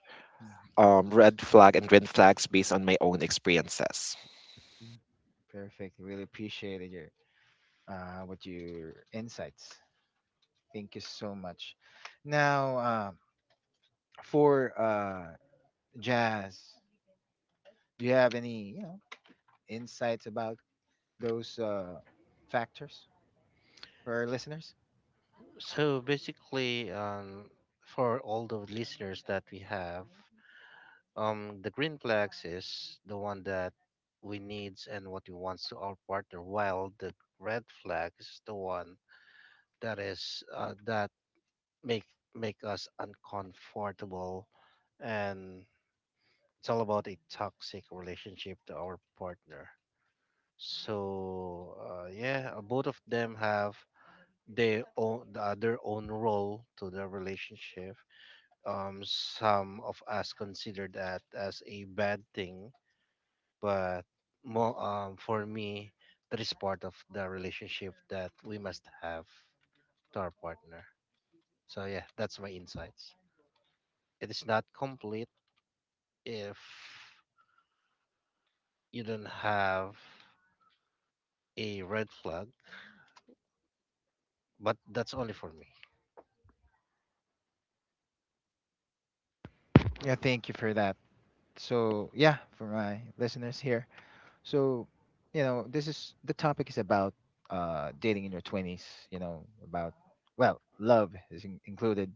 S2: red flag and green flags based on my own experiences.
S1: Mhm. Perfect. Really appreciated your what your insights. Thank you so much. Now for Jazz, do you have any you know insights about those factors for our listeners.
S3: So basically, for all the listeners that we have, the green flags is the one that we needs and what we wants to our partner, while the red flag is the one that is, that make make us uncomfortable, and it's all about a toxic relationship to our partner. So yeah, both of them have their own role to the relationship. Some of us consider that as a bad thing, but more, for me, that is part of the relationship that we must have to our partner. So yeah, that's my insights. It is not complete if you don't have a red flag, but that's only for me.
S1: Yeah, thank you for that. So, yeah, for my listeners here. So, you know, this is the topic is about dating in your 20s, you know, about, well, love is included,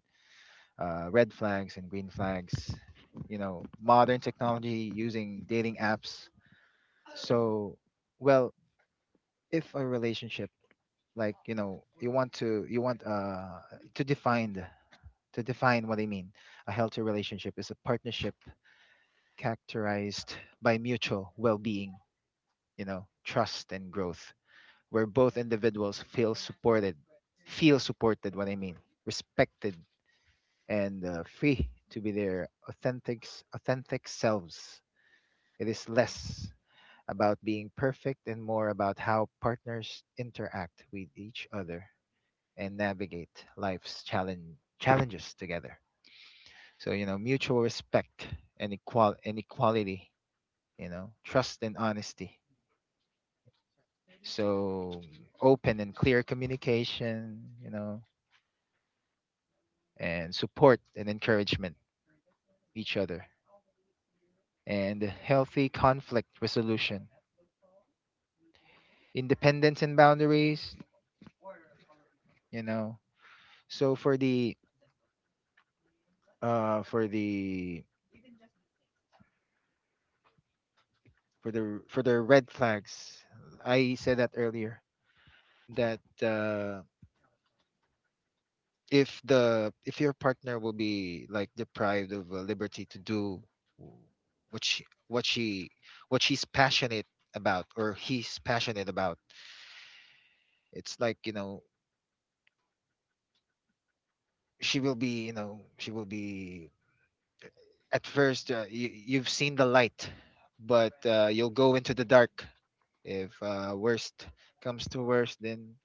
S1: red flags and green flags, you know, modern technology using dating apps. So, well, if a relationship like you know you want to define to define what I mean, a healthy relationship is a partnership characterized by mutual well being, you know, trust and growth, where both individuals feel supported, what I mean, respected, and free to be their authentic, authentic selves. It is less about being perfect and more about how partners interact with each other and navigate life's challenges together. So, you know, mutual respect and equality, you know, trust and honesty. So open and clear communication, you know, and support and encouragement each other. And healthy conflict resolution. Independence and boundaries, you know. So for the for the for the for the red flags, I said that earlier that if the if your partner will be like deprived of a liberty to do w- what she what she's passionate about or he's passionate about, it's like you know she will be you know she will be at first you, you've seen the light but you'll go into the dark if worst comes to worst, then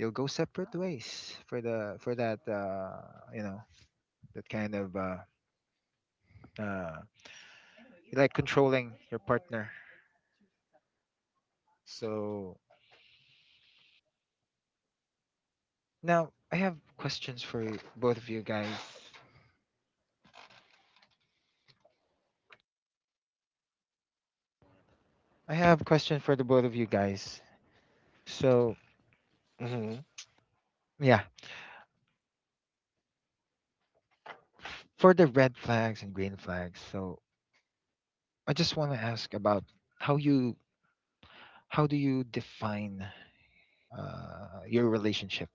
S1: you'll go separate ways for the for that you know that kind of uh, like controlling your partner. So now I have questions for both of you guys. I have questions for the both of you guys. So
S2: Hmm.
S1: yeah, for the red flags and green flags. So I just want to ask about how you how do you define your relationship?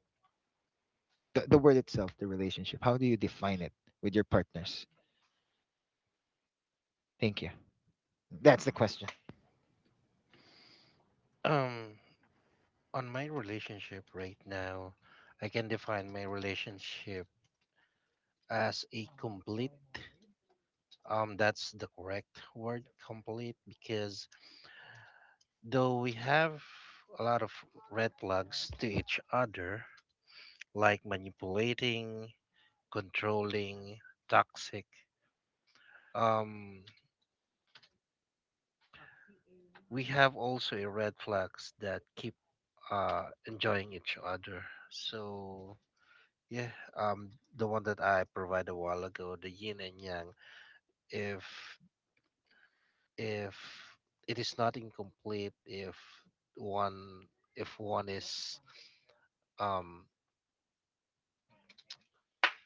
S1: The word itself, the relationship. How do you define it with your partners? Thank you. That's the question.
S3: um on my relationship right now, I can define my relationship as a complete, that's the correct word, complete, because though we have a lot of red flags to each other, like manipulating, controlling, toxic, um, we have also a red flags that keep enjoying each other. So yeah, um, the one that I provided a while ago, the yin and yang. If if it is not incomplete, one if one is um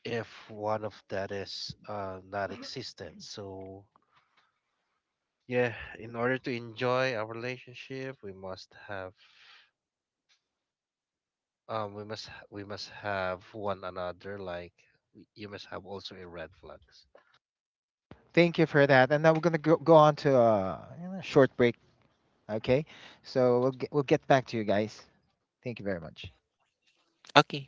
S3: if one of that is, not existent. So yeah, in order to enjoy our relationship, we must have one another. Like you must have also a red flags.
S1: Thank you for that. And now we're gonna go on to a short break. Okay, so we'll get back to you guys. Thank you very much.
S2: Okay.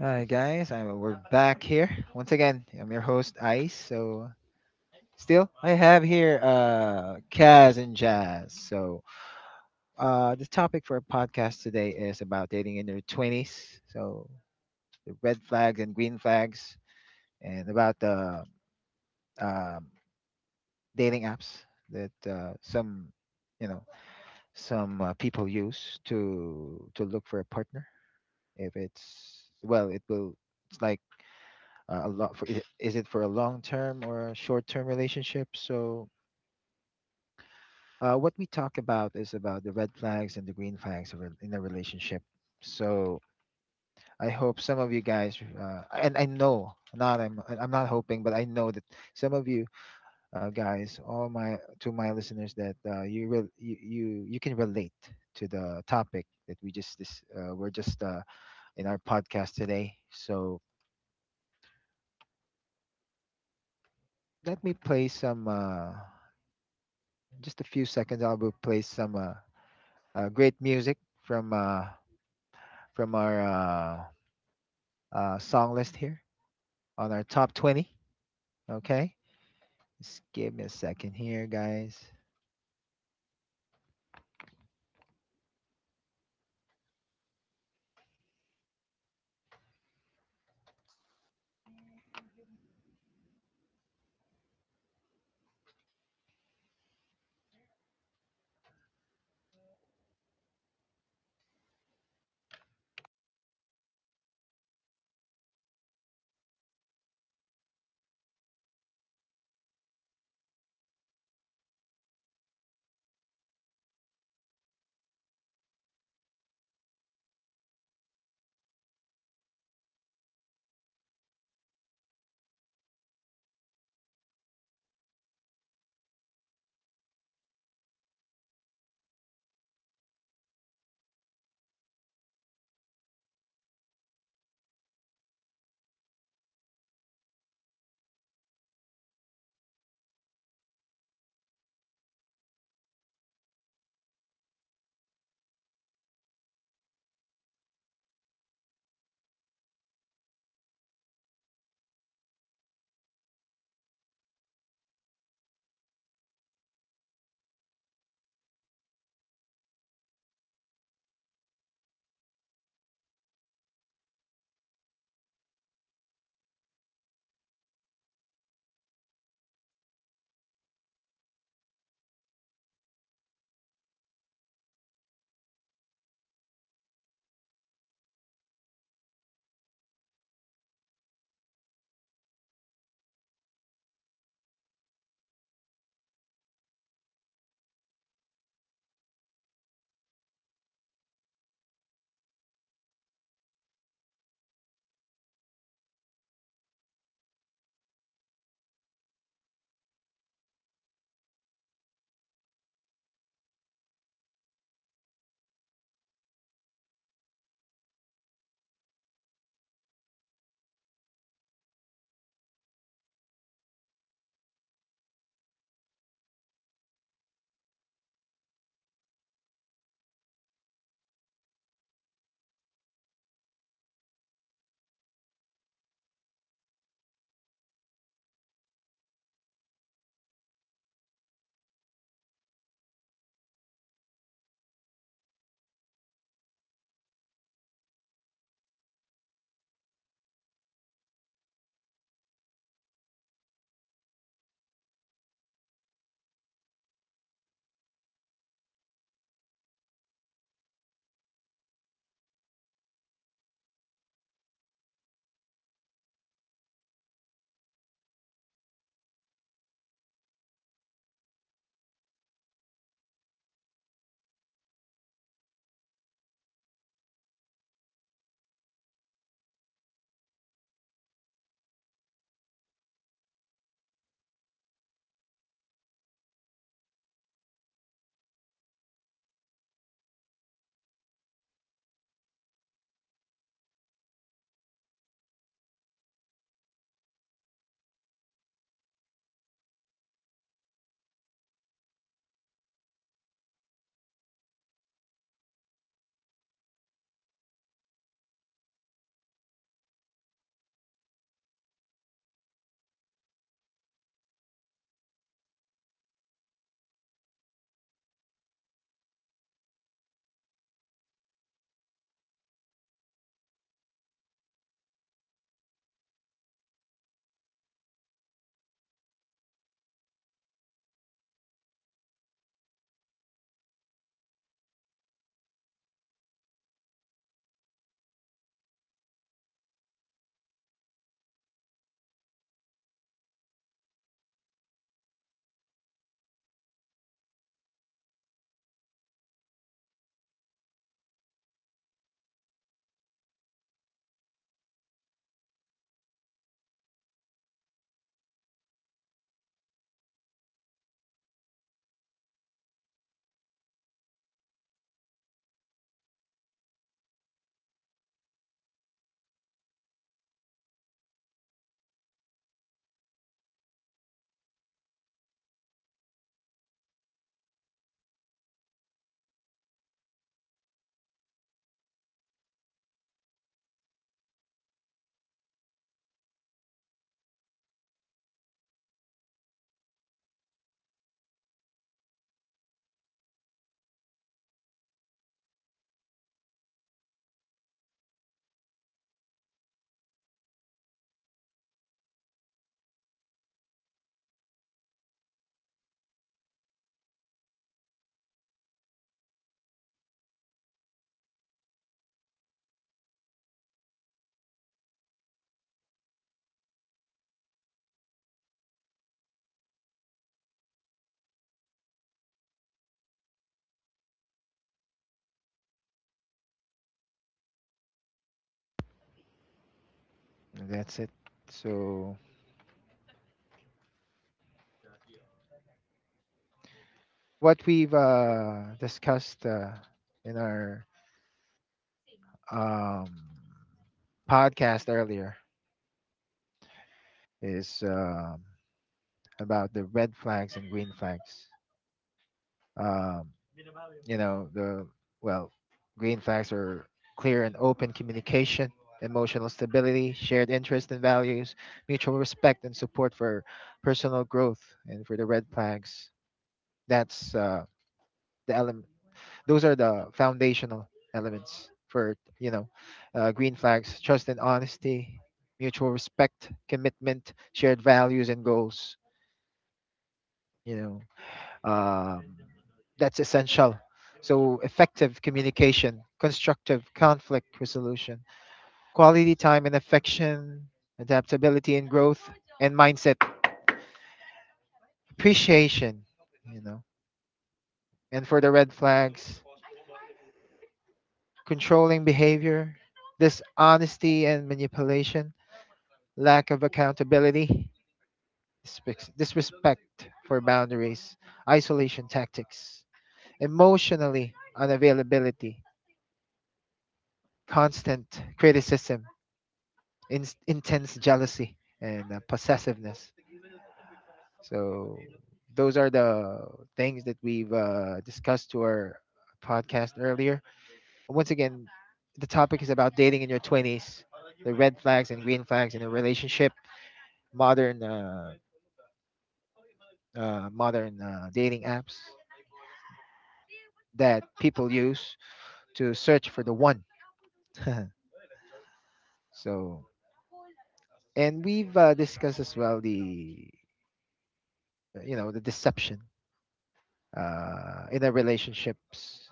S1: Hi guys, we're back here once again. I'm your host Ice. So still, I have here Kaz and Jazz. So the topic for our podcast today is about dating in your twenties. So the red flags and green flags, and about the um, dating apps that some you know some people use to look for a partner. If it's well, it will. It's like a lot for is it for a long term or a short term relationship. So what we talk about is about the red flags and the green flags of a, in a relationship. So I hope some of you guys and I know not I'm not hoping but I know that some of you guys all my to my listeners that you, you you can relate to the topic that we're just in our podcast today. So let me play some just a few seconds, I will play some great music from our song list here on our top 20. Okay, just give me a second here, guys. That's it. So what we've discussed in our um, podcast earlier is about the red flags and green flags. Um, you know the well green flags are clear and open communication, emotional stability, shared interests and values, mutual respect and support for personal growth. And for the red flags, that's the element, those are the foundational elements for you know green flags: trust and honesty, mutual respect, commitment, shared values and goals, you know. Um, that's essential. So, effective communication, constructive conflict resolution, quality time and affection, adaptability and growth, and mindset appreciation, you know. And for the red flags, controlling behavior, dishonesty and manipulation, lack of accountability, disrespect for boundaries, isolation tactics, emotionally unavailability, constant criticism, intense jealousy and possessiveness. So those are the things that we've discussed to our podcast earlier. Once again, the topic is about dating in your 20s, the red flags and green flags in a relationship, modern modern dating apps that people use to search for the one. So and we've discussed as well the you know the deception in a relationships.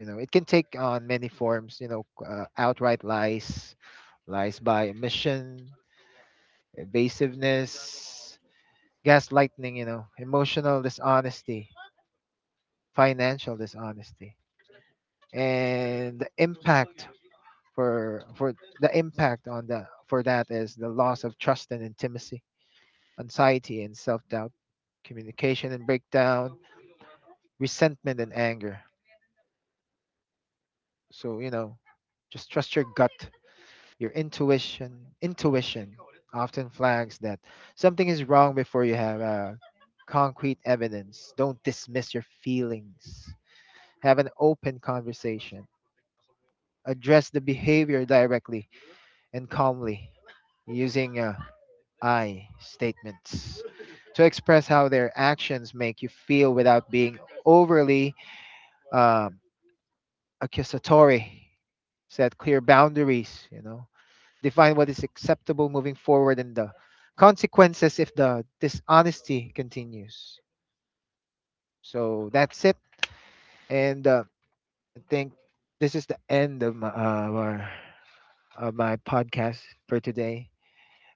S1: You know, it can take on many forms, you know, outright lies, lies by omission, evasiveness, gaslighting, you know, emotional dishonesty, financial dishonesty. And the impact for the impact on the for that is the loss of trust and intimacy, anxiety and self-doubt, communication and breakdown, resentment and anger. So, you know, just trust your gut. Your intuition often flags that something is wrong before you have concrete evidence. Don't dismiss your feelings. Have an open conversation. Address the behavior directly and calmly using I statements to express how their actions make you feel without being overly um, accusatory. Set clear boundaries, you know, define what is acceptable moving forward and the consequences if the dishonesty continues. So that's it, and I think this is the end of my our, of my podcast for today.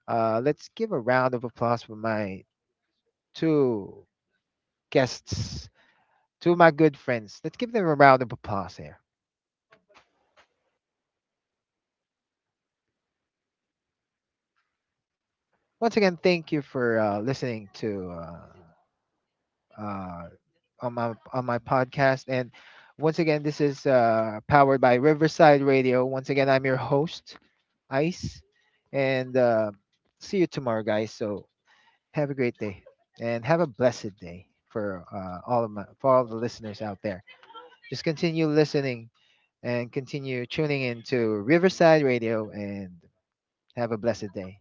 S1: Let's give a round of applause for my two guests, two of my good friends. Let's give them a round of applause here. Once again, thank you for listening to uh, on my podcast. And once again, this is powered by Riverside Radio. Once again, I'm your host, Ice, and see you tomorrow, guys. So have a great day and have a blessed day for all of my for all the listeners out there. Just continue listening and continue tuning in to Riverside Radio and have a blessed day.